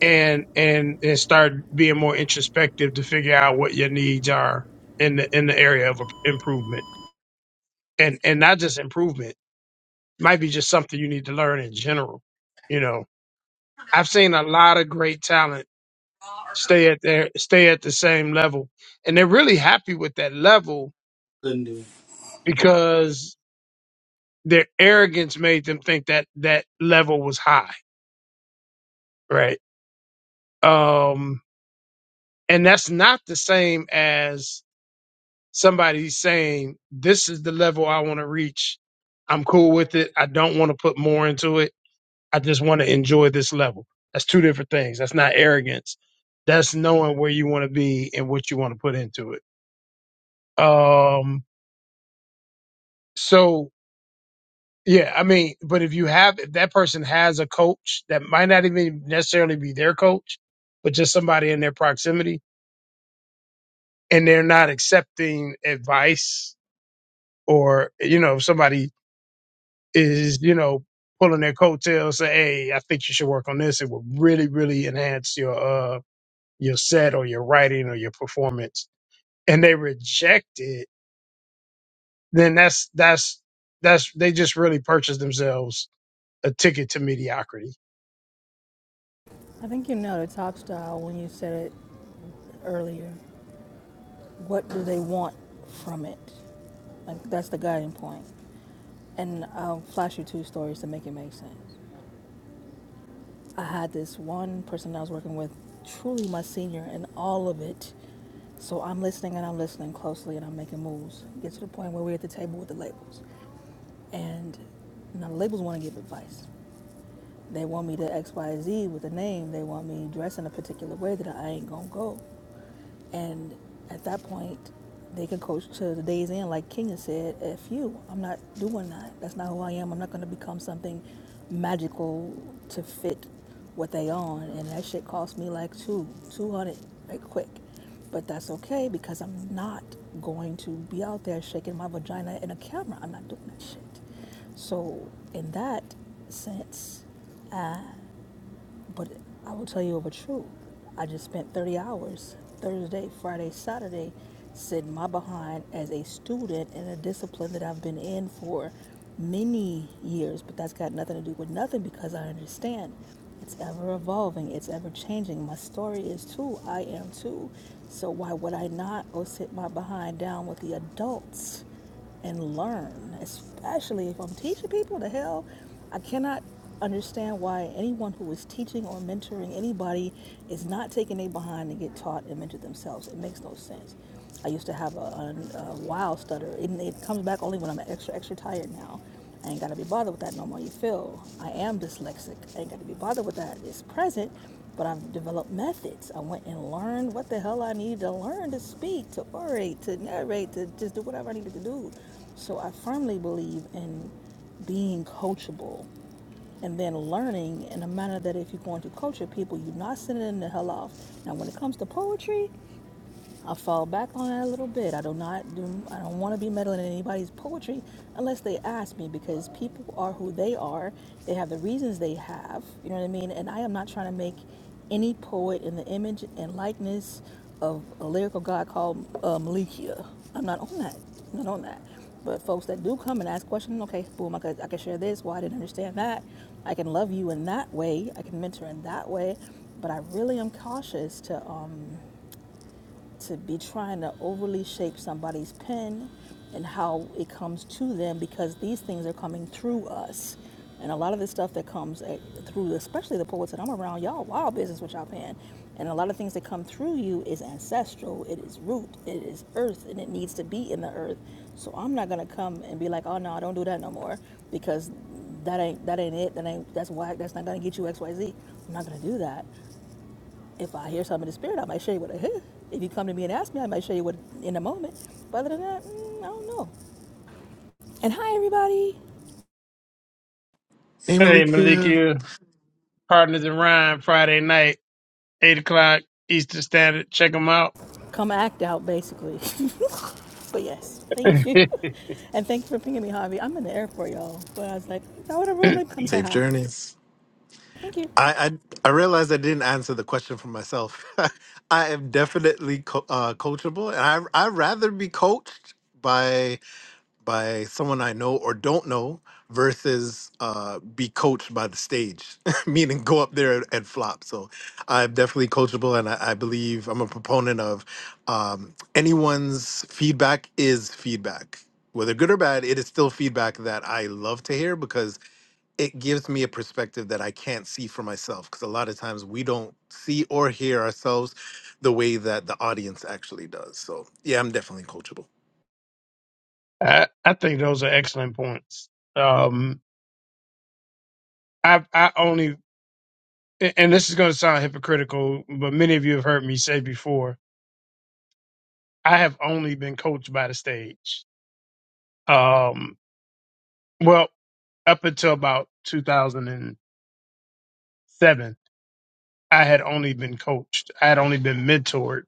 Speaker 1: and and and start being more introspective to figure out what your needs are in the in the area of improvement. And and not just improvement, might be just something you need to learn in general, you know. I've seen a lot of great talent stay at their stay at the same level and they're really happy with that level
Speaker 10: Couldn't do it.
Speaker 1: because their arrogance made them think that that level was high right um and that's not the same as somebody saying this is the level i want to reach i'm cool with it i don't want to put more into it i just want to enjoy this level that's two different things that's not arrogance that's knowing where you want to be and what you want to put into it um so Yeah, I mean, but if you have if that person has a coach that might not even necessarily be their coach, but just somebody in their proximity and they're not accepting advice or you know, if somebody is, you know, pulling their coattails say, Hey, I think you should work on this, it will really, really enhance your uh your set or your writing or your performance and they reject it, then that's that's that's they just really purchase themselves a ticket to mediocrity.
Speaker 11: I think you know the top style when you said it earlier. What do they want from it? Like that's the guiding point. And I'll flash you two stories to make it make sense. I had this one person I was working with, truly my senior, and all of it. So I'm listening and I'm listening closely and I'm making moves. Get to the point where we're at the table with the labels. And now the labels want to give advice. They want me to X, Y, Z with a name. They want me dressed in a particular way that I ain't gonna go. And at that point, they can coach to the day's end, like Kenya said, F you, I'm not doing that. That's not who I am. I'm not going to become something magical to fit what they on. And that shit cost me like two, 200, like quick. But that's okay because I'm not going to be out there shaking my vagina in a camera. I'm not doing that shit. So, in that sense, but I will tell you of a truth. I just spent 30 hours Thursday, Friday, Saturday sitting my behind as a student in a discipline that I've been in for many years, but that's got nothing to do with nothing because I understand it's ever evolving, it's ever changing. My story is too, I am too. So why would I not go sit my behind down with the adults? and learn, especially if I'm teaching people to hell. I cannot understand why anyone who is teaching or mentoring anybody is not taking a behind to get taught and mentored themselves. It makes no sense. I used to have a, a, a wild stutter, and it comes back only when I'm extra, extra tired now. I ain't gotta be bothered with that no more. You feel? I am dyslexic. I ain't gotta be bothered with that. It's present, but I've developed methods. I went and learned what the hell I needed to learn to speak, to orate, to narrate, to just do whatever I needed to do. So I firmly believe in being coachable and then learning in a manner that if you're going to culture people, you're not sending them the hell off. Now, when it comes to poetry, I fall back on that a little bit. I do not do. I don't want to be meddling in anybody's poetry unless they ask me because people are who they are. They have the reasons they have. You know what I mean? And I am not trying to make any poet in the image and likeness of a lyrical god called uh, Malikia. I'm not on that. I'm not on that. But folks that do come and ask questions, okay, boom, I could, I could share this. Well, I didn't understand that. I can love you in that way. I can mentor in that way. But I really am cautious to. Um, to be trying to overly shape somebody's pen and how it comes to them because these things are coming through us. And a lot of the stuff that comes at, through, especially the poets that I'm around, y'all wild business with y'all pen. And a lot of things that come through you is ancestral, it is root, it is earth, and it needs to be in the earth. So I'm not gonna come and be like, oh no, I don't do that no more because that ain't that ain't it. That ain't that's why that's not gonna get you X Y Z. I'm not gonna do that. If I hear something in the spirit, I might show you what I hear. If you come to me and ask me, I might show you what in a moment. But other than that, mm, I don't know. And hi, everybody.
Speaker 8: Hey
Speaker 1: Hey
Speaker 8: Malikia,
Speaker 1: Malikia. Partners in Rhyme Friday night, eight o'clock Eastern Standard. Check them out.
Speaker 11: Come act out, basically. *laughs* but yes, thank
Speaker 1: *laughs*
Speaker 11: you. *laughs* And thanks for pinging me, Javi. I'm in the airport, y'all. But I was like, I would have
Speaker 1: I,
Speaker 11: really come say
Speaker 8: safe
Speaker 11: hi.
Speaker 8: journeys.
Speaker 11: Thank you.
Speaker 8: I, I I realized I didn't answer the question for myself. *laughs* I am definitely co- uh, coachable, and I I rather be coached by by someone I know or don't know versus uh, be coached by the stage, *laughs* meaning go up there and, and flop. So I'm definitely coachable, and I, I believe I'm a proponent of um, anyone's feedback is feedback whether good or bad, it is still feedback that I love to hear because it gives me a perspective that I can't see for myself because a lot of times we don't see or hear ourselves the way that the audience actually does. So, yeah, I'm definitely coachable.
Speaker 1: I think those are excellent points. Um, I I only and this is going to sound hypocritical, but many of you have heard me say before. I have only been coached by the stage. Um, well, up until about 2007, I had only been coached. I had only been mentored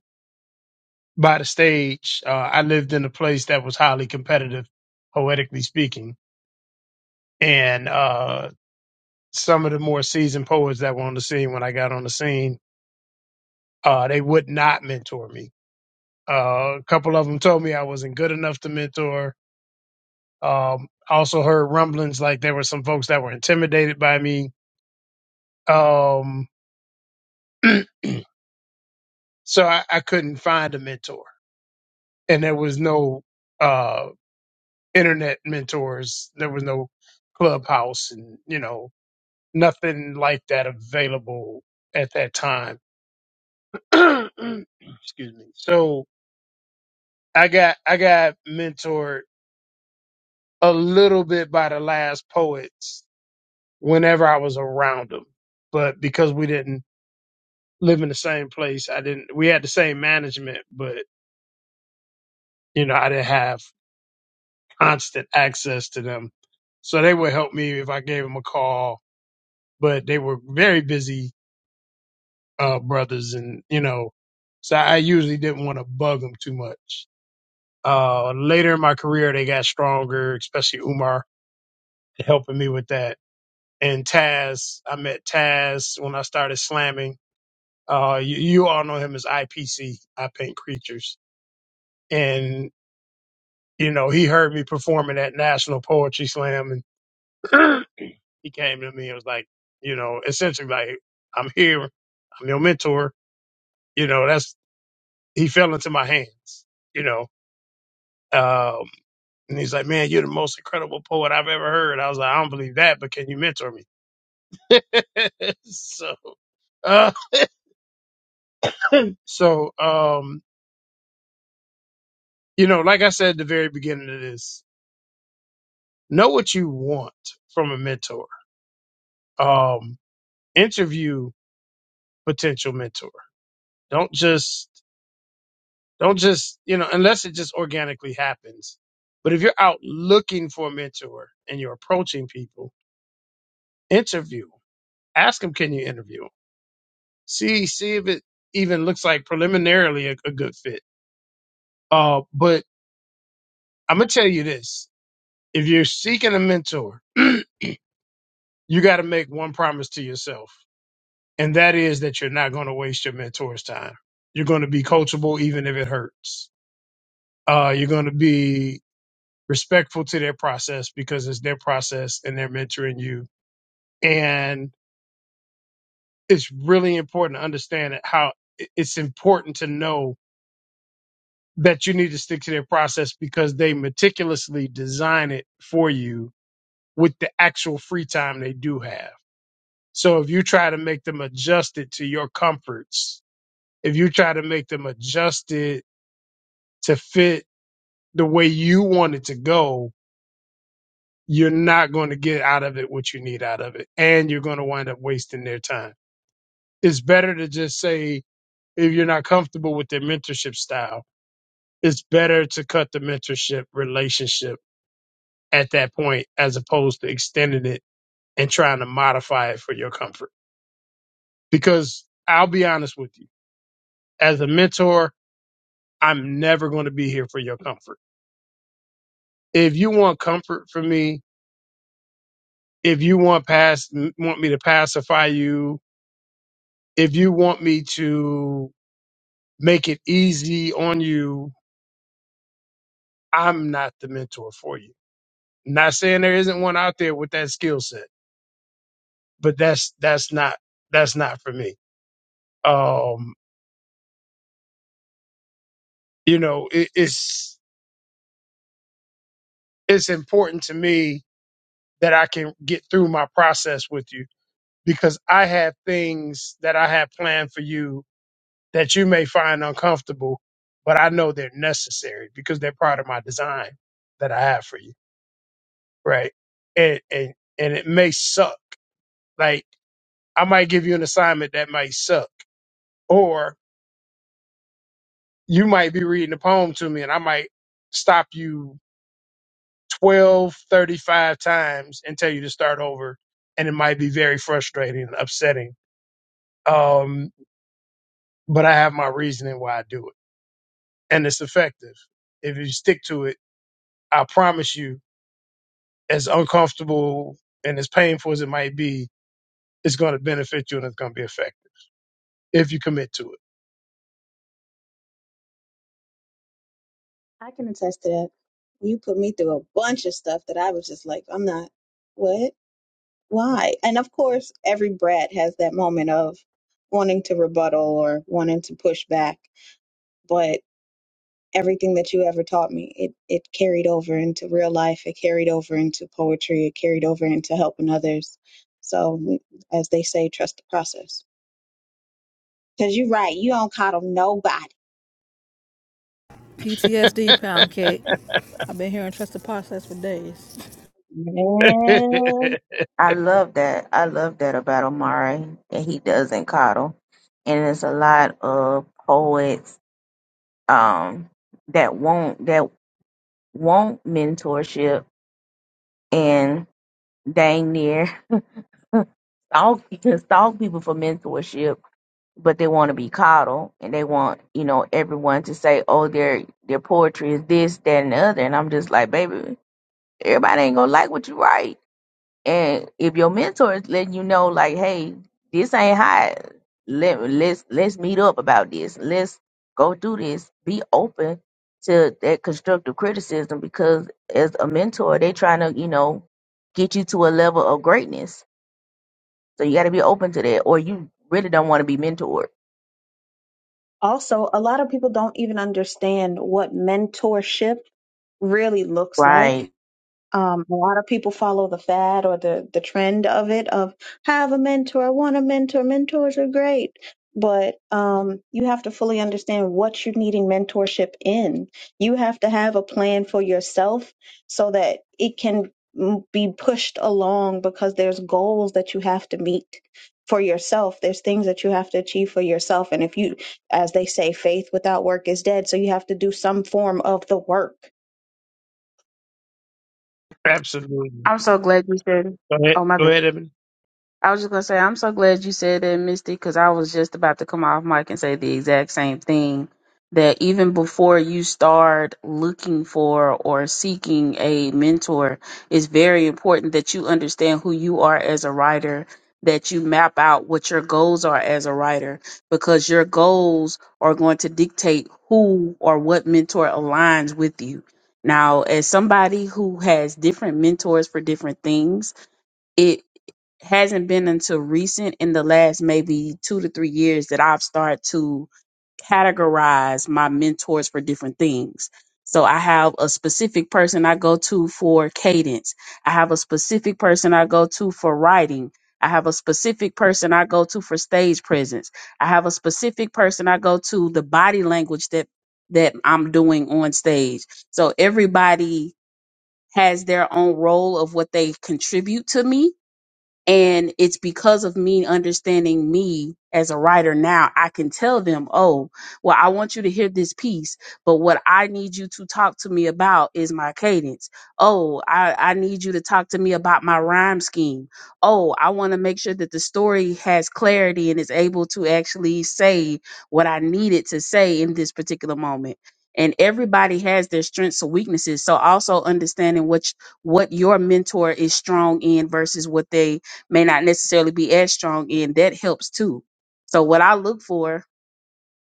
Speaker 1: by the stage. Uh, I lived in a place that was highly competitive, poetically speaking and uh, some of the more seasoned poets that were on the scene when I got on the scene, uh, they would not mentor me. Uh, a couple of them told me I wasn't good enough to mentor. Um, I also heard rumblings like there were some folks that were intimidated by me. Um, *clears throat* so I, I couldn't find a mentor, and there was no uh, internet mentors. There was no clubhouse, and you know nothing like that available at that time *clears throat* Excuse me. So I got I got mentored a little bit by the last poets whenever I was around them, but because we didn't live in the same place, I didn't. We had the same management, but you know I didn't have constant access to them. So they would help me if I gave them a call, but they were very busy uh, brothers, and you know, so I usually didn't want to bug them too much. Uh, later in my career, they got stronger, especially Umar helping me with that. And Taz, I met Taz when I started slamming. Uh, you, you all know him as IPC, I Paint Creatures. And, you know, he heard me performing at National Poetry Slam and *clears throat* he came to me and was like, you know, essentially like, I'm here. I'm your mentor. You know, that's, he fell into my hands, you know. Um, and he's like, man, you're the most incredible poet I've ever heard. I was like, I don't believe that, but can you mentor me? *laughs* so, uh, So, um, you know, like I said at the very beginning of this, know what you want from a mentor. Um, interview potential mentor. Don't just, don't just, you know, unless it just organically happens. But if you're out looking for a mentor and you're approaching people, interview. Ask them, can you interview? 'em? See, see if it even looks like preliminarily a, a good fit. Uh, but I'm gonna tell you this: if you're seeking a mentor. *clears throat* you got to make one promise to yourself, and that is that you're not going to waste your mentor's time. You're going to be coachable, even if it hurts. Uh, you're going to be respectful to their process because it's their process and they're mentoring you. And it's really important to understand that how it- it's important to know that you need to stick to their process because they meticulously design it for you with the actual free time they do have. So if you try to make them adjust it to your comforts, if you try to make them adjusted to fit the way you want it to go, you're not going to get out of it what you need out of it. And you're going to wind up wasting their time. It's better to just say, if you're not comfortable with their mentorship style, it's better to cut the mentorship relationship at that point as opposed to extending it and trying to modify it for your comfort. Because I'll be honest with you, as a mentor, I'm never going to be here for your comfort. If you want comfort from me, if you want pass want me to pacify you, if you want me to make it easy on you, I'm not the mentor for you. Not saying there isn't one out there with that skill set, but that's that's not that's not for me. Um, you know, it, it's it's important to me that I can get through my process with you because I have things that I have planned for you that you may find uncomfortable, but I know they're necessary because they're part of my design that I have for you. Right. And and and it may suck. Like I might give you an assignment that might suck. Or you might be reading a poem to me and I might stop you 12 35 times and tell you to start over. And it might be very frustrating and upsetting. Um, but I have my reasoning why I do it. And it's effective. If you stick to it, I promise you as uncomfortable and as painful as it might be, it's going to benefit you and it's going to be effective if you commit to
Speaker 12: I can attest to that. You put me through a bunch of stuff that I was just like, I'm not, what? Why? And of course, every brat has that moment of wanting to rebuttal or wanting to push back. But everything that you ever taught me, it, it carried over into real life. It carried over into poetry. It carried over into helping others. So, mm, as they say, trust the process. Because you're right. You don't coddle nobody.
Speaker 11: PTSD pound cake. I've been hearing trusted process for days. *laughs*
Speaker 1: it.
Speaker 12: Man,
Speaker 1: *laughs*
Speaker 9: I love that. I love that about Omari that he doesn't coddle, and there's a lot of poets um that won't that won't mentorship and dang near stalk *laughs* stalk people for mentorship, but they want to be coddled and they want you know everyone to say oh their their poetry is this that and the other, and I'm just like baby everybody ain't gonna like what you write And if your mentor is letting you know, like, hey, this ain't hot. Let let's let's meet up about this. Let's go through this. Be open to that constructive criticism because as a mentor, they trying to, you know, get you to a level of greatness. So you gotta be open to that. Or you really don't want to be mentored.
Speaker 12: Also, a lot of people don't even understand what mentorship really looks like.
Speaker 9: right?"
Speaker 12: Um, a lot of people follow the fad or the the trend of it of have a mentor. I want a mentor. Mentors are great, but um, you have to fully understand what you're needing mentorship in. You have to have a plan for yourself so that it can mm, be pushed along because there's goals that you have to meet for yourself. There's things that you have to achieve for yourself, and if you, as they say, faith without work is dead. So you have to do some form of the work
Speaker 1: Absolutely.
Speaker 13: I'm so glad you said.
Speaker 1: Go ahead,
Speaker 13: Oh my
Speaker 1: go
Speaker 13: bad.
Speaker 1: ahead, Ebony.
Speaker 13: I was just gonna say, I'm so glad you said that, Misty, because I was just about to come off mic and say the exact same thing. That even before you start looking for or seeking a mentor, it's very important that you understand who you are as a writer, that you map out what your goals are as a writer, because your goals are going to dictate who or what mentor aligns with you. Now, as somebody who has different mentors for different things, it hasn't been until recent in the last maybe two to three years that I've started to categorize my mentors for different things. So I have a specific person I go to for cadence. I have a specific person I go to for writing. I have a specific person I go to for stage presence. I have a specific person I go to the body language that that I'm doing on stage. So everybody has their own role of what they contribute to me and it's because of me understanding me as a writer now, I can tell them, oh, well, I want you to hear this piece, but what I need you to talk to me about is my cadence. Oh, I, I need you to talk to me about my rhyme scheme. Oh, I want to make sure that the story has clarity and is able to actually say what I needed to say in this particular moment. And everybody has their strengths and weaknesses. So also understanding which what your mentor is strong in versus what they may not necessarily be as strong in, that helps too. So what I look for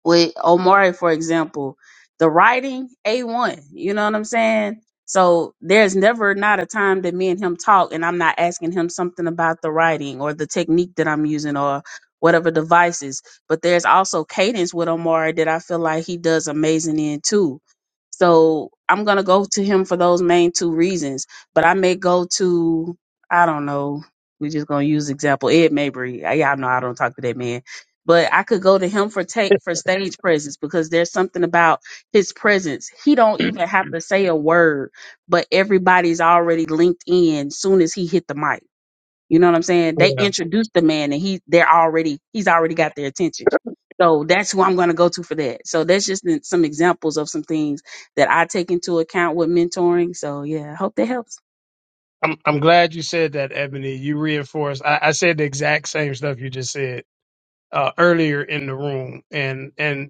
Speaker 13: with Omari, for example, the writing A1, you know what I'm saying? So there's never not a time that me and him talk and I'm not asking him something about the writing or the technique that I'm using or whatever devices. But there's also cadence with Omari that I feel like he does amazing in too. So I'm gonna go to him for those main two reasons. But I may go to I don't know, we are just gonna use example, Ed Mabry. I Y'all know I don't talk to that man but I could go to him for take for stage presence because there's something about his presence. He don't even have to say a word, but everybody's already linked in soon as he hit the mic. You know what I'm saying? They
Speaker 1: Yeah.
Speaker 13: introduce the man and he they're already he's already got their attention. So that's who I'm gonna go to for that. So that's just been some examples of some things that I take into account with mentoring. So yeah, I hope that helps.
Speaker 1: I'm I'm glad you said that, Ebony. You reinforced. I, I said the exact same stuff you just said uh, earlier in the room, and and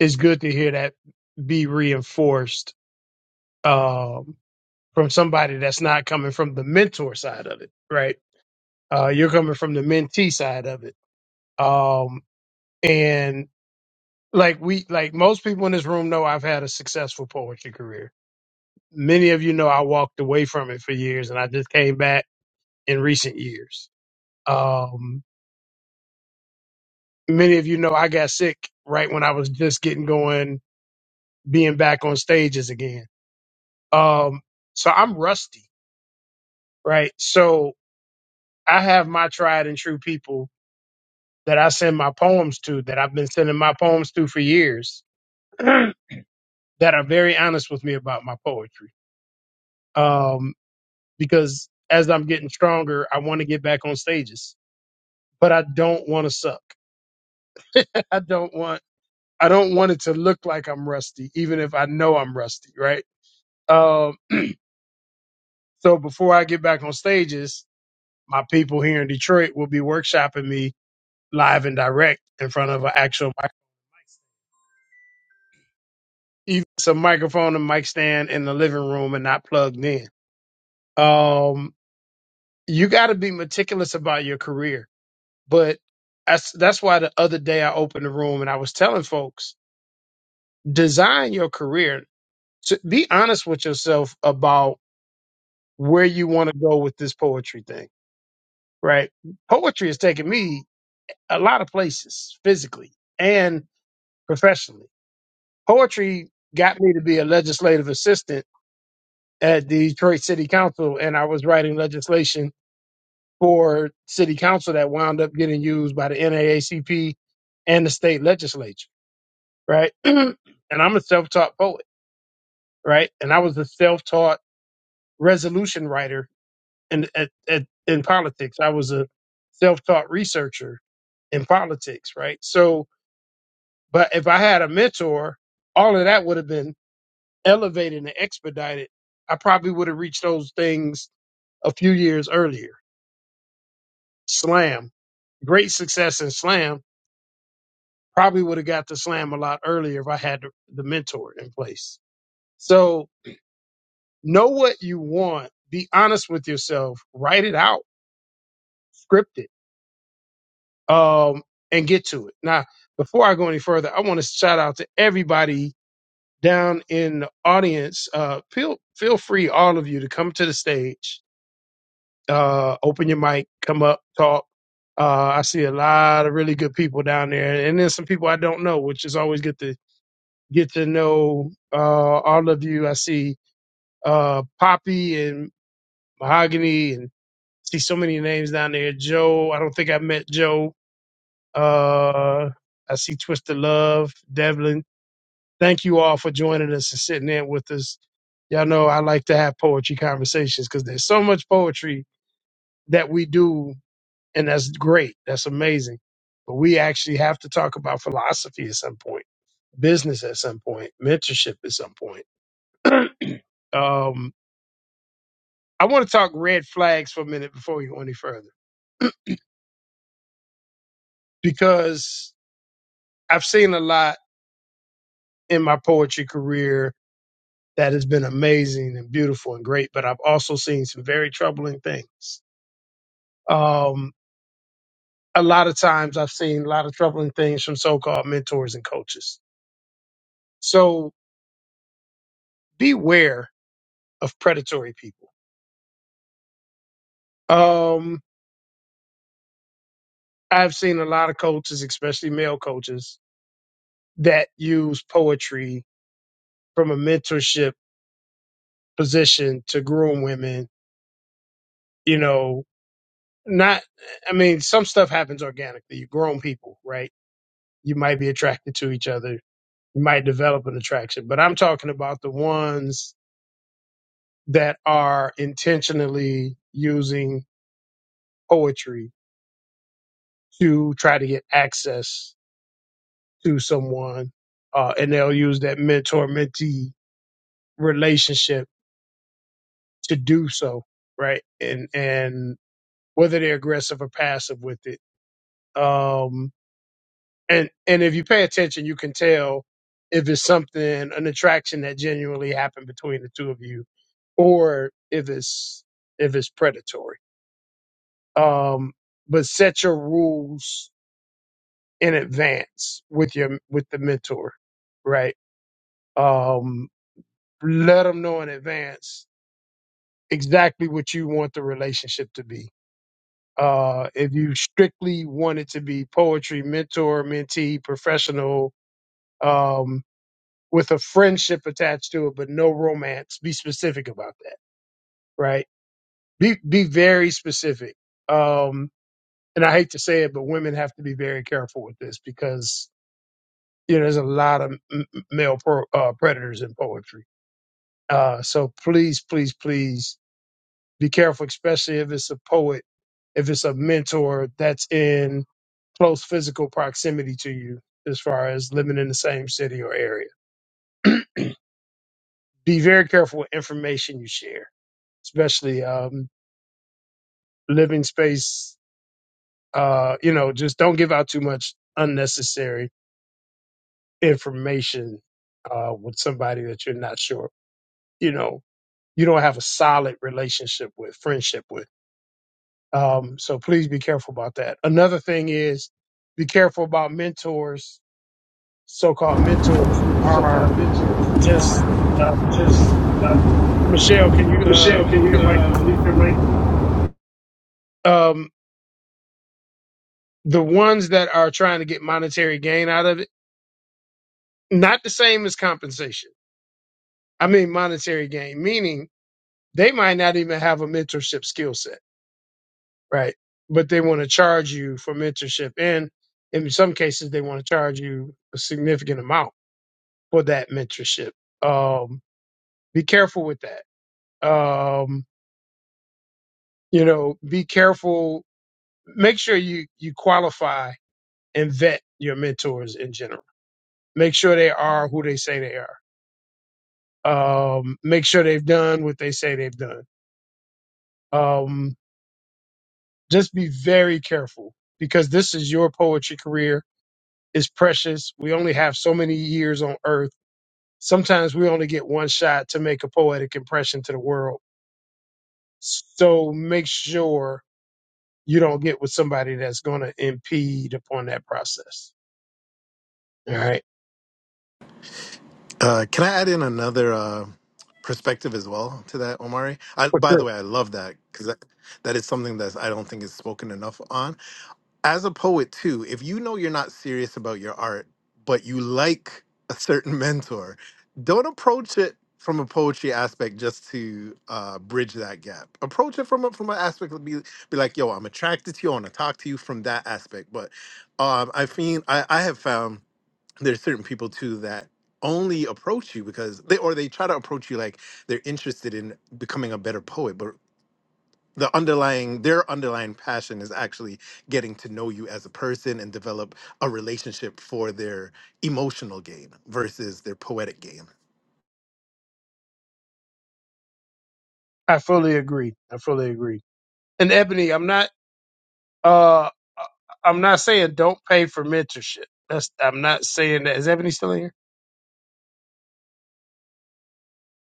Speaker 1: it's good to hear that be reinforced um, from somebody that's not coming from the mentor side of it, right? Uh, you're coming from the mentee side of it, um, and like we like most people in this room know I've had a successful poetry career. Many of you know I walked away from it for years and I just came back in recent years. Um many of you know I got sick right when I was just getting going being back on stages again. Um so I'm rusty, right? So I have my tried and true people that I send my poems to that I've been sending my poems to for years *clears throat* that are very honest with me about my poetry. Um because as I'm getting stronger, I want to get back on stages, but I don't want to suck. *laughs* I don't want I don't want it to look like I'm rusty, even if I know I'm rusty, right? Um, so before I get back on stages, my people here in Detroit will be workshopping me live and direct in front of an actual mic, even some microphone and mic stand in the living room and not plugged in. Um, you got to be meticulous about your career, but that's that's why the other day I opened the room and I was telling folks design your career to be honest with yourself about where you want to go with this poetry thing right poetry has taken me a lot of places physically and professionally poetry got me to be a legislative assistant at the detroit city council and i was writing legislation for city council that wound up getting used by the naacp and the state legislature right *clears throat* and i'm a self-taught poet right and i was a self-taught resolution writer in at, at in politics. I was a self-taught researcher in politics, right? So, but if I had a mentor, all of that would have been elevated and expedited. I probably would have reached those things a few years earlier. Slam, great success in slam, probably would have got to slam a lot earlier if I had the, the mentor in place. So, know what you want, be honest with yourself, write it out, script it um, and get to it. Now, before I go any further, I want to shout out to everybody down in the audience. Uh, feel feel free, all of you, to come to the stage, uh, open your mic, come up, talk. Uh, I see a lot of really good people down there, and then some people I don't know, which is always good to get to know uh, all of you. I see uh, Poppy and Mahogany, and see so many names down there. Joe, I don't think I met Joe Uh, I see Twisted Love, Devlin. Thank you all for joining us and sitting in with us. Y'all know I like to have poetry conversations because there's so much poetry that we do, and that's great. That's amazing. But we actually have to talk about philosophy at some point, business at some point, mentorship at some point. *clears throat* um, I want to talk red flags for a minute before we go any further because I've seen a lot in my poetry career that has been amazing and beautiful and great, but I've also seen some very troubling things. Um, a lot of times I've seen a lot of troubling things from so called mentors and coaches. So beware of predatory people. Um, I've seen a lot of coaches, especially male coaches, that use poetry from a mentorship position to groom women, you know, not, I mean, some stuff happens organically. You grown people, right? You might be attracted to each other you might develop an attraction. But I'm talking about the ones that are intentionally using poetry to try to get access to someone, uh, and they'll use that mentor mentee relationship to do so, right? And and whether they're aggressive or passive with it. Um, and and if you pay attention, you can tell if it's something an attraction that genuinely happened between the two of you, or if it's if it's predatory. Um, but set your rules in advance with your with the mentor, right? Um, let them know in advance exactly what you want the relationship to be. Uh, if you strictly want it to be poetry, mentor, mentee, professional, um, with a friendship attached to it, but no romance. Be specific about that, right? Be be very specific. Um, and I hate to say it, but women have to be very careful with this because you know there's a lot of m- m- male pro, uh, predators in poetry. Uh, so please, please, please be careful, especially if it's a poet, if it's a mentor that's in close physical proximity to you, as far as living in the same city or area. Be very careful with information you share, especially. Um, living space uh you know just don't give out too much unnecessary information uh with somebody that you're not sure you know you don't have a solid relationship with friendship with um so please be careful about that another thing is be careful about mentors so-called mentors who
Speaker 14: so far
Speaker 1: are just uh
Speaker 14: Just uh,
Speaker 1: michelle can you uh
Speaker 14: Michelle, can
Speaker 1: mute
Speaker 14: you
Speaker 1: your mic
Speaker 14: uh, leave the rank?
Speaker 1: um the ones that are trying to get monetary gain out of it not the same as compensation I mean monetary gain, meaning they might not even have a mentorship skill set, right? But they want to charge you for mentorship. And in some cases, they want to charge you a significant amount for that mentorship. Um, be careful with that. Um, you know, be careful. Make sure you, you qualify and vet your mentors in general. Make sure they are who they say they are. Um, make sure they've done what they say they've done. Um, Just be very careful because this is your poetry career. It's precious. We only have so many years on earth. Sometimes we only get one shot to make a poetic impression to the world. So make sure you don't get with somebody that's going to impede upon that process. All right.
Speaker 8: Uh, can I add in another uh, perspective as well to that, Omari? I,
Speaker 1: For
Speaker 8: by the
Speaker 1: sure.
Speaker 8: way, I love that because that, that is something that I don't think is spoken enough on. as a poet too, if you know you're not serious about your art, but you like a certain *laughs* mentor, don't approach it from a poetry aspect just to uh, bridge that gap. Approach it from a, from an aspect of be be like, yo, I'm attracted to you. I want to talk to you from that aspect. But um, I find I, I have found there's certain people too that only approach you because they or they try to approach you like they're interested in becoming a better poet. but the underlying their underlying passion is actually getting to know you as a person and develop a relationship for their emotional gain versus their poetic gain
Speaker 1: I fully agree. I fully agree. And Ebony, I'm not, uh, I'm not saying don't pay for mentorship. That's I'm not saying that. Is Ebony still in here?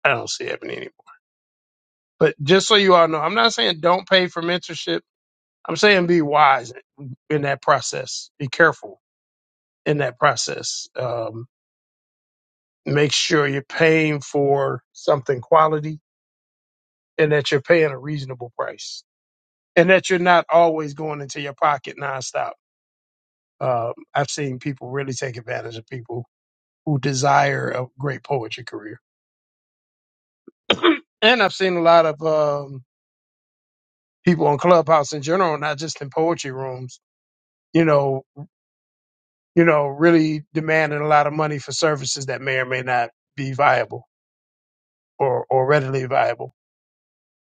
Speaker 1: I don't see Ebony anymore. But just so you all know, I'm not saying don't pay for mentorship. I'm saying be wise in that process. Be careful in that process. Um, make sure you're paying for something quality and that you're paying a reasonable price and that you're not always going into your pocket nonstop. Um, I've seen people really take advantage of people who desire a great poetry career. *clears throat* and I've seen a lot of um, people on Clubhouse in general, not just in poetry rooms, you know, you know, really demanding a lot of money for services that may or may not be viable or, or readily viable.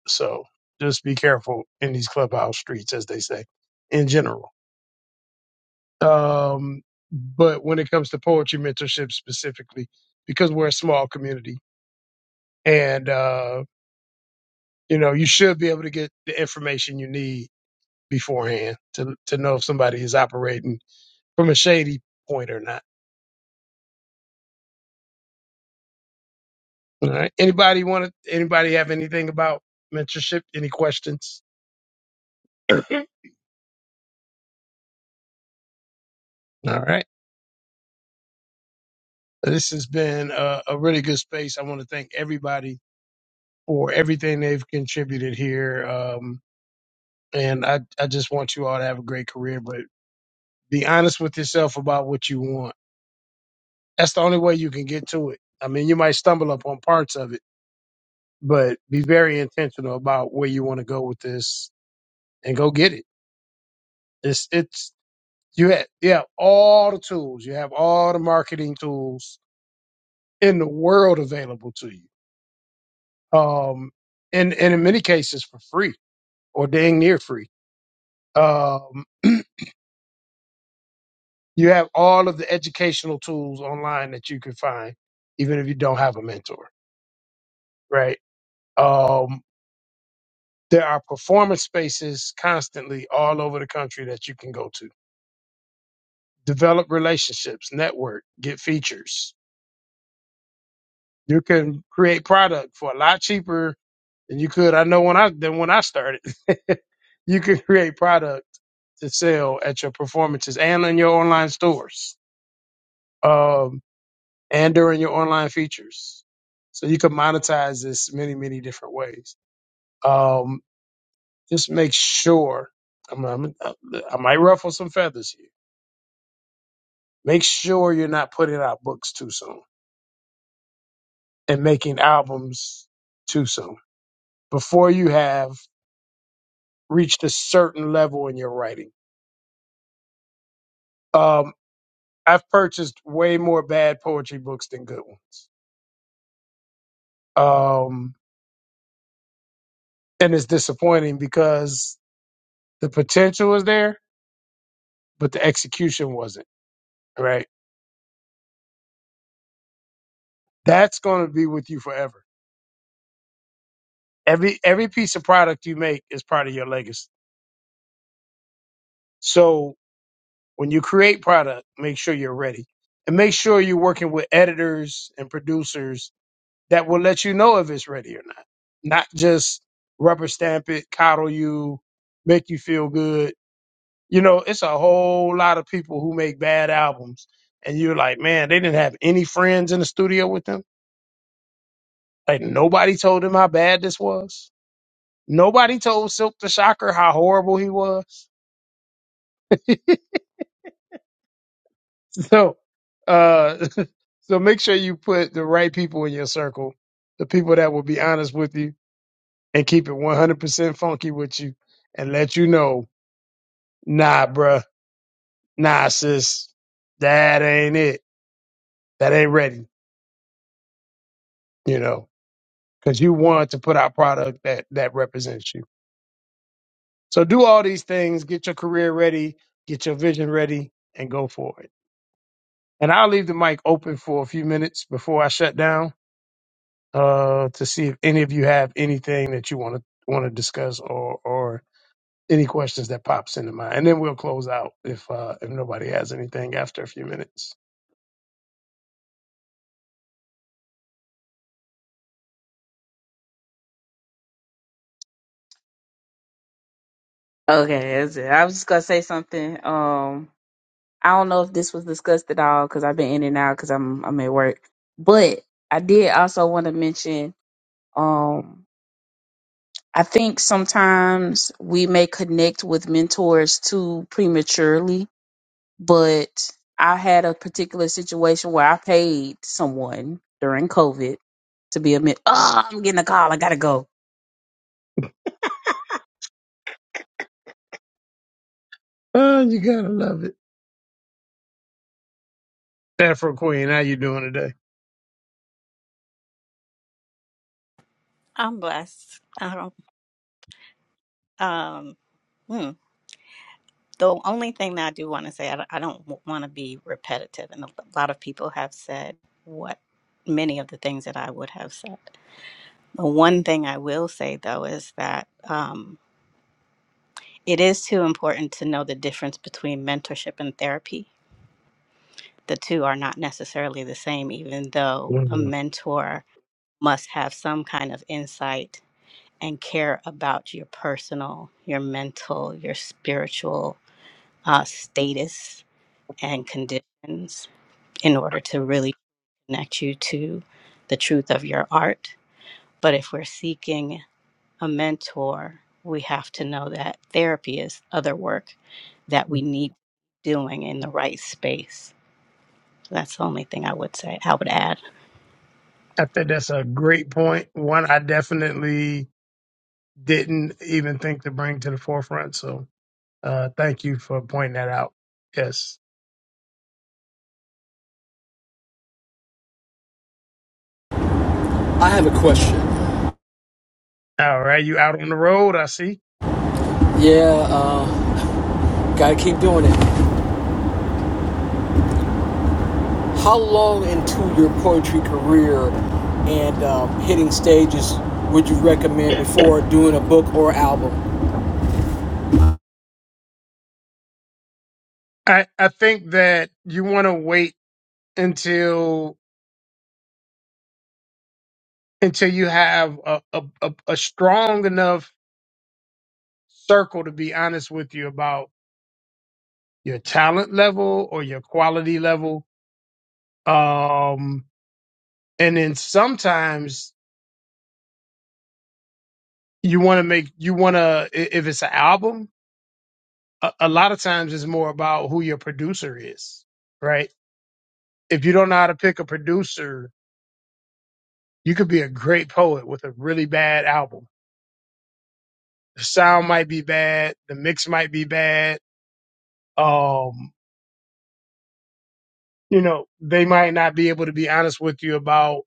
Speaker 1: So just be careful in these clubhouse streets, as they say, in general. Um, but when it comes to poetry mentorship specifically, because we're a small community and, uh, you know, you should be able to get the information you need beforehand to, to know if somebody is operating from a shady point or not All right. Anybody want to? Anybody have anything about mentorship? Any questions? *clears throat* All right. This has been a, a really good space. I want to thank everybody for everything they've contributed here. Um, and I, I just want you all to have a great career, but be honest with yourself about what you want. That's the only way you can get to it. I mean, you might stumble up on parts of it, but be very intentional about where you want to go with this and go get it. It's, it's You have, you have all the tools. You have all the marketing tools in the world available to you. Um, and, and in many cases for free or dang near free. Um, *clears throat* you have all of the educational tools online that you can find, even if you don't have a mentor, right? Um, there are performance spaces constantly all over the country that you can go to. Develop relationships, network, get features. You can create product for a lot cheaper And you could. I know when I then when I started, *laughs* you could create product to sell at your performances and in your online stores, um, and during your online features. So you could monetize this many many different ways. Um, just make sure. I'm, I'm, I might ruffle some feathers here. Make sure you're not putting out books too soon and making albums too soon before you have reached a certain level in your writing. Um, I've purchased way more bad poetry books than good ones. Um, and it's disappointing because the potential was there, but the execution wasn't, right? That's going to be with you forever. Every, every piece of product you make is part of your legacy. So when you create product, make sure you're ready and make sure you're working with editors and producers that will let you know if it's ready or not, not just rubber stamp it, coddle you, make you feel good you know, it's a whole lot of people who make bad albums, and you're like, man, they didn't have any friends in the studio with them. Like nobody told them how bad this was. Nobody told Silk the Shocker how horrible he was. *laughs* So, uh, *laughs* so make sure you put the right people in your circle, the people that will be honest with you and keep it 100% funky with you, and let you know, nah, bruh, nah, sis, that ain't it. That ain't ready. You know. because you want to put out product that that represents you. So do all these things, get your career ready, get your vision ready, and go for it. And I'll leave the mic open for a few minutes before I shut down uh, to see if any of you have anything that you want to want to discuss or or any questions that pops into mind. And then we'll close out if uh, if nobody has anything after a few minutes.
Speaker 13: Okay, that's it. I was just gonna say something. Um, I don't know if this was discussed at all because I've been in and out because I'm I'm at work. But I did also want to mention. Um, I think sometimes we may connect with mentors too prematurely, but I had a particular situation where I paid someone during COVID to be a mentor. Oh, I'm getting a call. I gotta go.
Speaker 1: Oh, you gotta love it. Afro Queen, how you doing today?
Speaker 10: I'm blessed. I don't. Um, hmm. The only thing that I do want to say, I don't, I don't want to be repetitive, and a lot of people have said what many of the things that I would have said. The one thing I will say though is that um, it is too important to know the difference between mentorship and therapy. The two are not necessarily the same, even though a
Speaker 1: Mhm.
Speaker 10: mentor must have some kind of insight and care about your personal, your mental, your spiritual uh, status and conditions in order to really connect you to the truth of your art. But if we're seeking a mentor, we have to know that therapy is other work that we need doing in the right space. That's the only thing I would say. I would add.
Speaker 1: I think that's a great point. One I definitely didn't even think to bring to the forefront. So uh, thank you for pointing that out. Yes.
Speaker 14: I have a question.
Speaker 1: All right. You out on the road, I see.
Speaker 14: Yeah, uh, gotta keep doing it. How long into your poetry career and um, hitting stages would you recommend before doing a book or album?
Speaker 1: I, I think that you want to wait until until you have a, a, a, a strong enough circle to be honest with you about your talent level or your quality level. Um, and then sometimes you want to make you want to if it's an album, a, a lot of times it's more about who your producer is, right? If you don't know how to pick a producer, you could be a great poet with a really bad album. The sound might be bad, the mix might be bad. Um, you know, they might not be able to be honest with you about,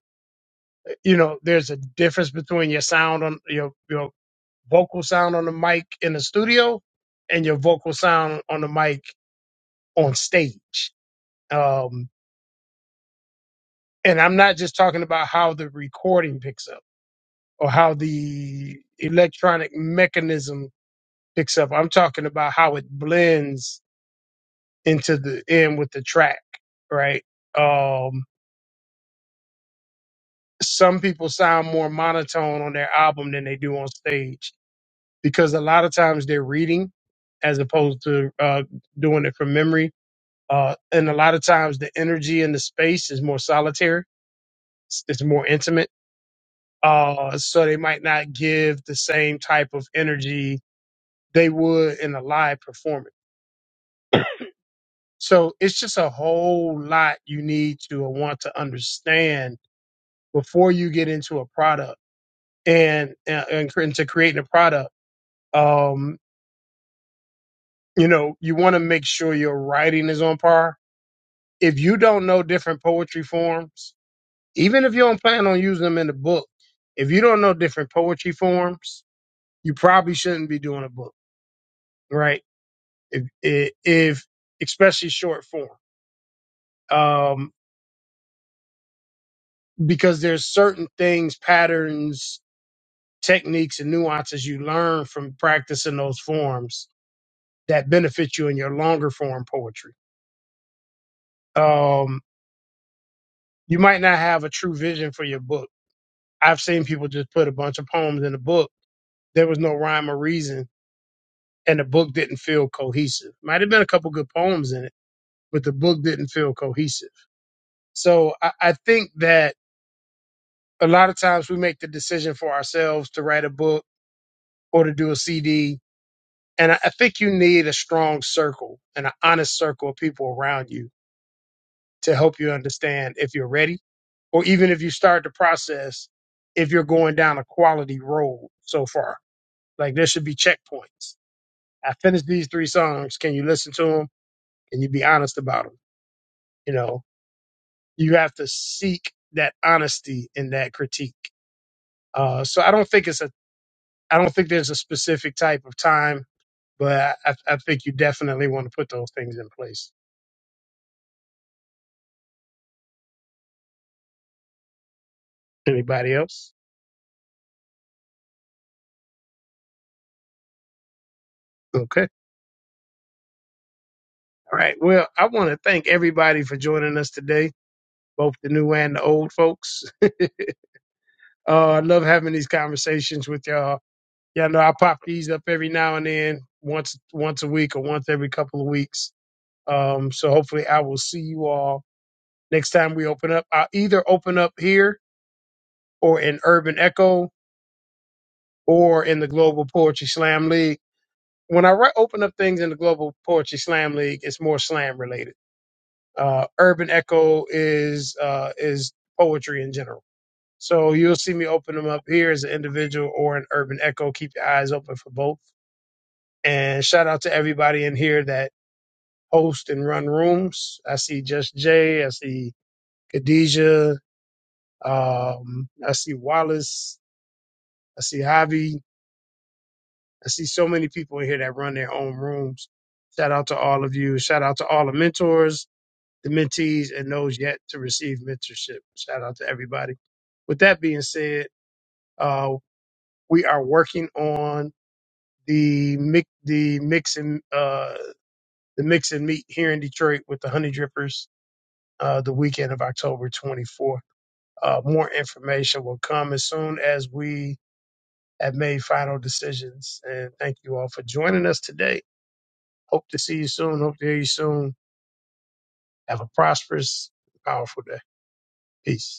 Speaker 1: you know, there's a difference between your sound on your your vocal sound on the mic in the studio and your vocal sound on the mic on stage. Um, and I'm not just talking about how the recording picks up or how the electronic mechanism picks up. I'm talking about how it blends into the end with the track, right? Um, some people sound more monotone on their album than they do on stage because a lot of times they're reading as opposed to uh, doing it from memory. Uh, and a lot of times the energy in the space is more solitary, it's, it's more intimate. Uh, so they might not give the same type of energy they would in a live performance So it's just a whole lot you need to or want to understand before you get into a product and and, and cre- into creating a product. Um, you know, you want to make sure your writing is on par. If you don't know different poetry forms, even if you don't plan on using them in the book, if you don't know different poetry forms, you probably shouldn't be doing a book, right? If if, if especially short form, um, because there's certain things, patterns techniques and nuances you learn from practicing those forms that benefit you in your longer form poetry. Um, you might not have a true vision for your book. I've seen people just put a bunch of poems in a book. There was no rhyme or reason, and the book didn't feel cohesive. Might have been a couple good poems in it, but the book didn't feel cohesive. So I, I think that a lot of times we make the decision for ourselves to write a book or to do a CD And I I think you need a strong circle and an honest circle of people around you to help you understand if you're ready or even if you start the process, if you're going down a quality road so far. Like there should be checkpoints. I finished these three songs. Can you listen to them? Can you be honest about them? You know, you have to seek that honesty in that critique. Uh, so I don't think it's a, I don't think there's a specific type of time, but I, I think you definitely want to put those things in place. Anybody else? Okay. All right. Well, I want to thank everybody for joining us today, both the new and the old folks. Uh, I love having these conversations with y'all. Y'all know I pop these up every now and then, once once a week or once every couple of weeks. Um, so hopefully I will see you all next time we open up. I'll either open up here or in Urban Echo or in the Global Poetry Slam League. When I re- open up things in the Global Poetry Slam League, it's more slam related Uh, Urban Echo is uh, is poetry in general. So you'll see me open them up here as an individual or an Urban Echo. Keep your eyes open for both. And shout out to everybody in here that host and run rooms. I see Just Jay. I see Khadijah. Um, I see Wallace. I see Javi. I see so many people in here that run their own rooms. Shout out to all of you. Shout out to all the mentors the mentees and those yet to receive mentorship. Shout out to everybody. With that being said, uh, we are working on the mix, the mix and uh, the mix and meet here in Detroit with the Honey Drippers uh, the weekend of October 24th. Uh, more information will come as soon as we have made final decisions. And thank you all for joining us today. Hope to see you soon. Hope to hear you soon. Have a prosperous, powerful day. Peace.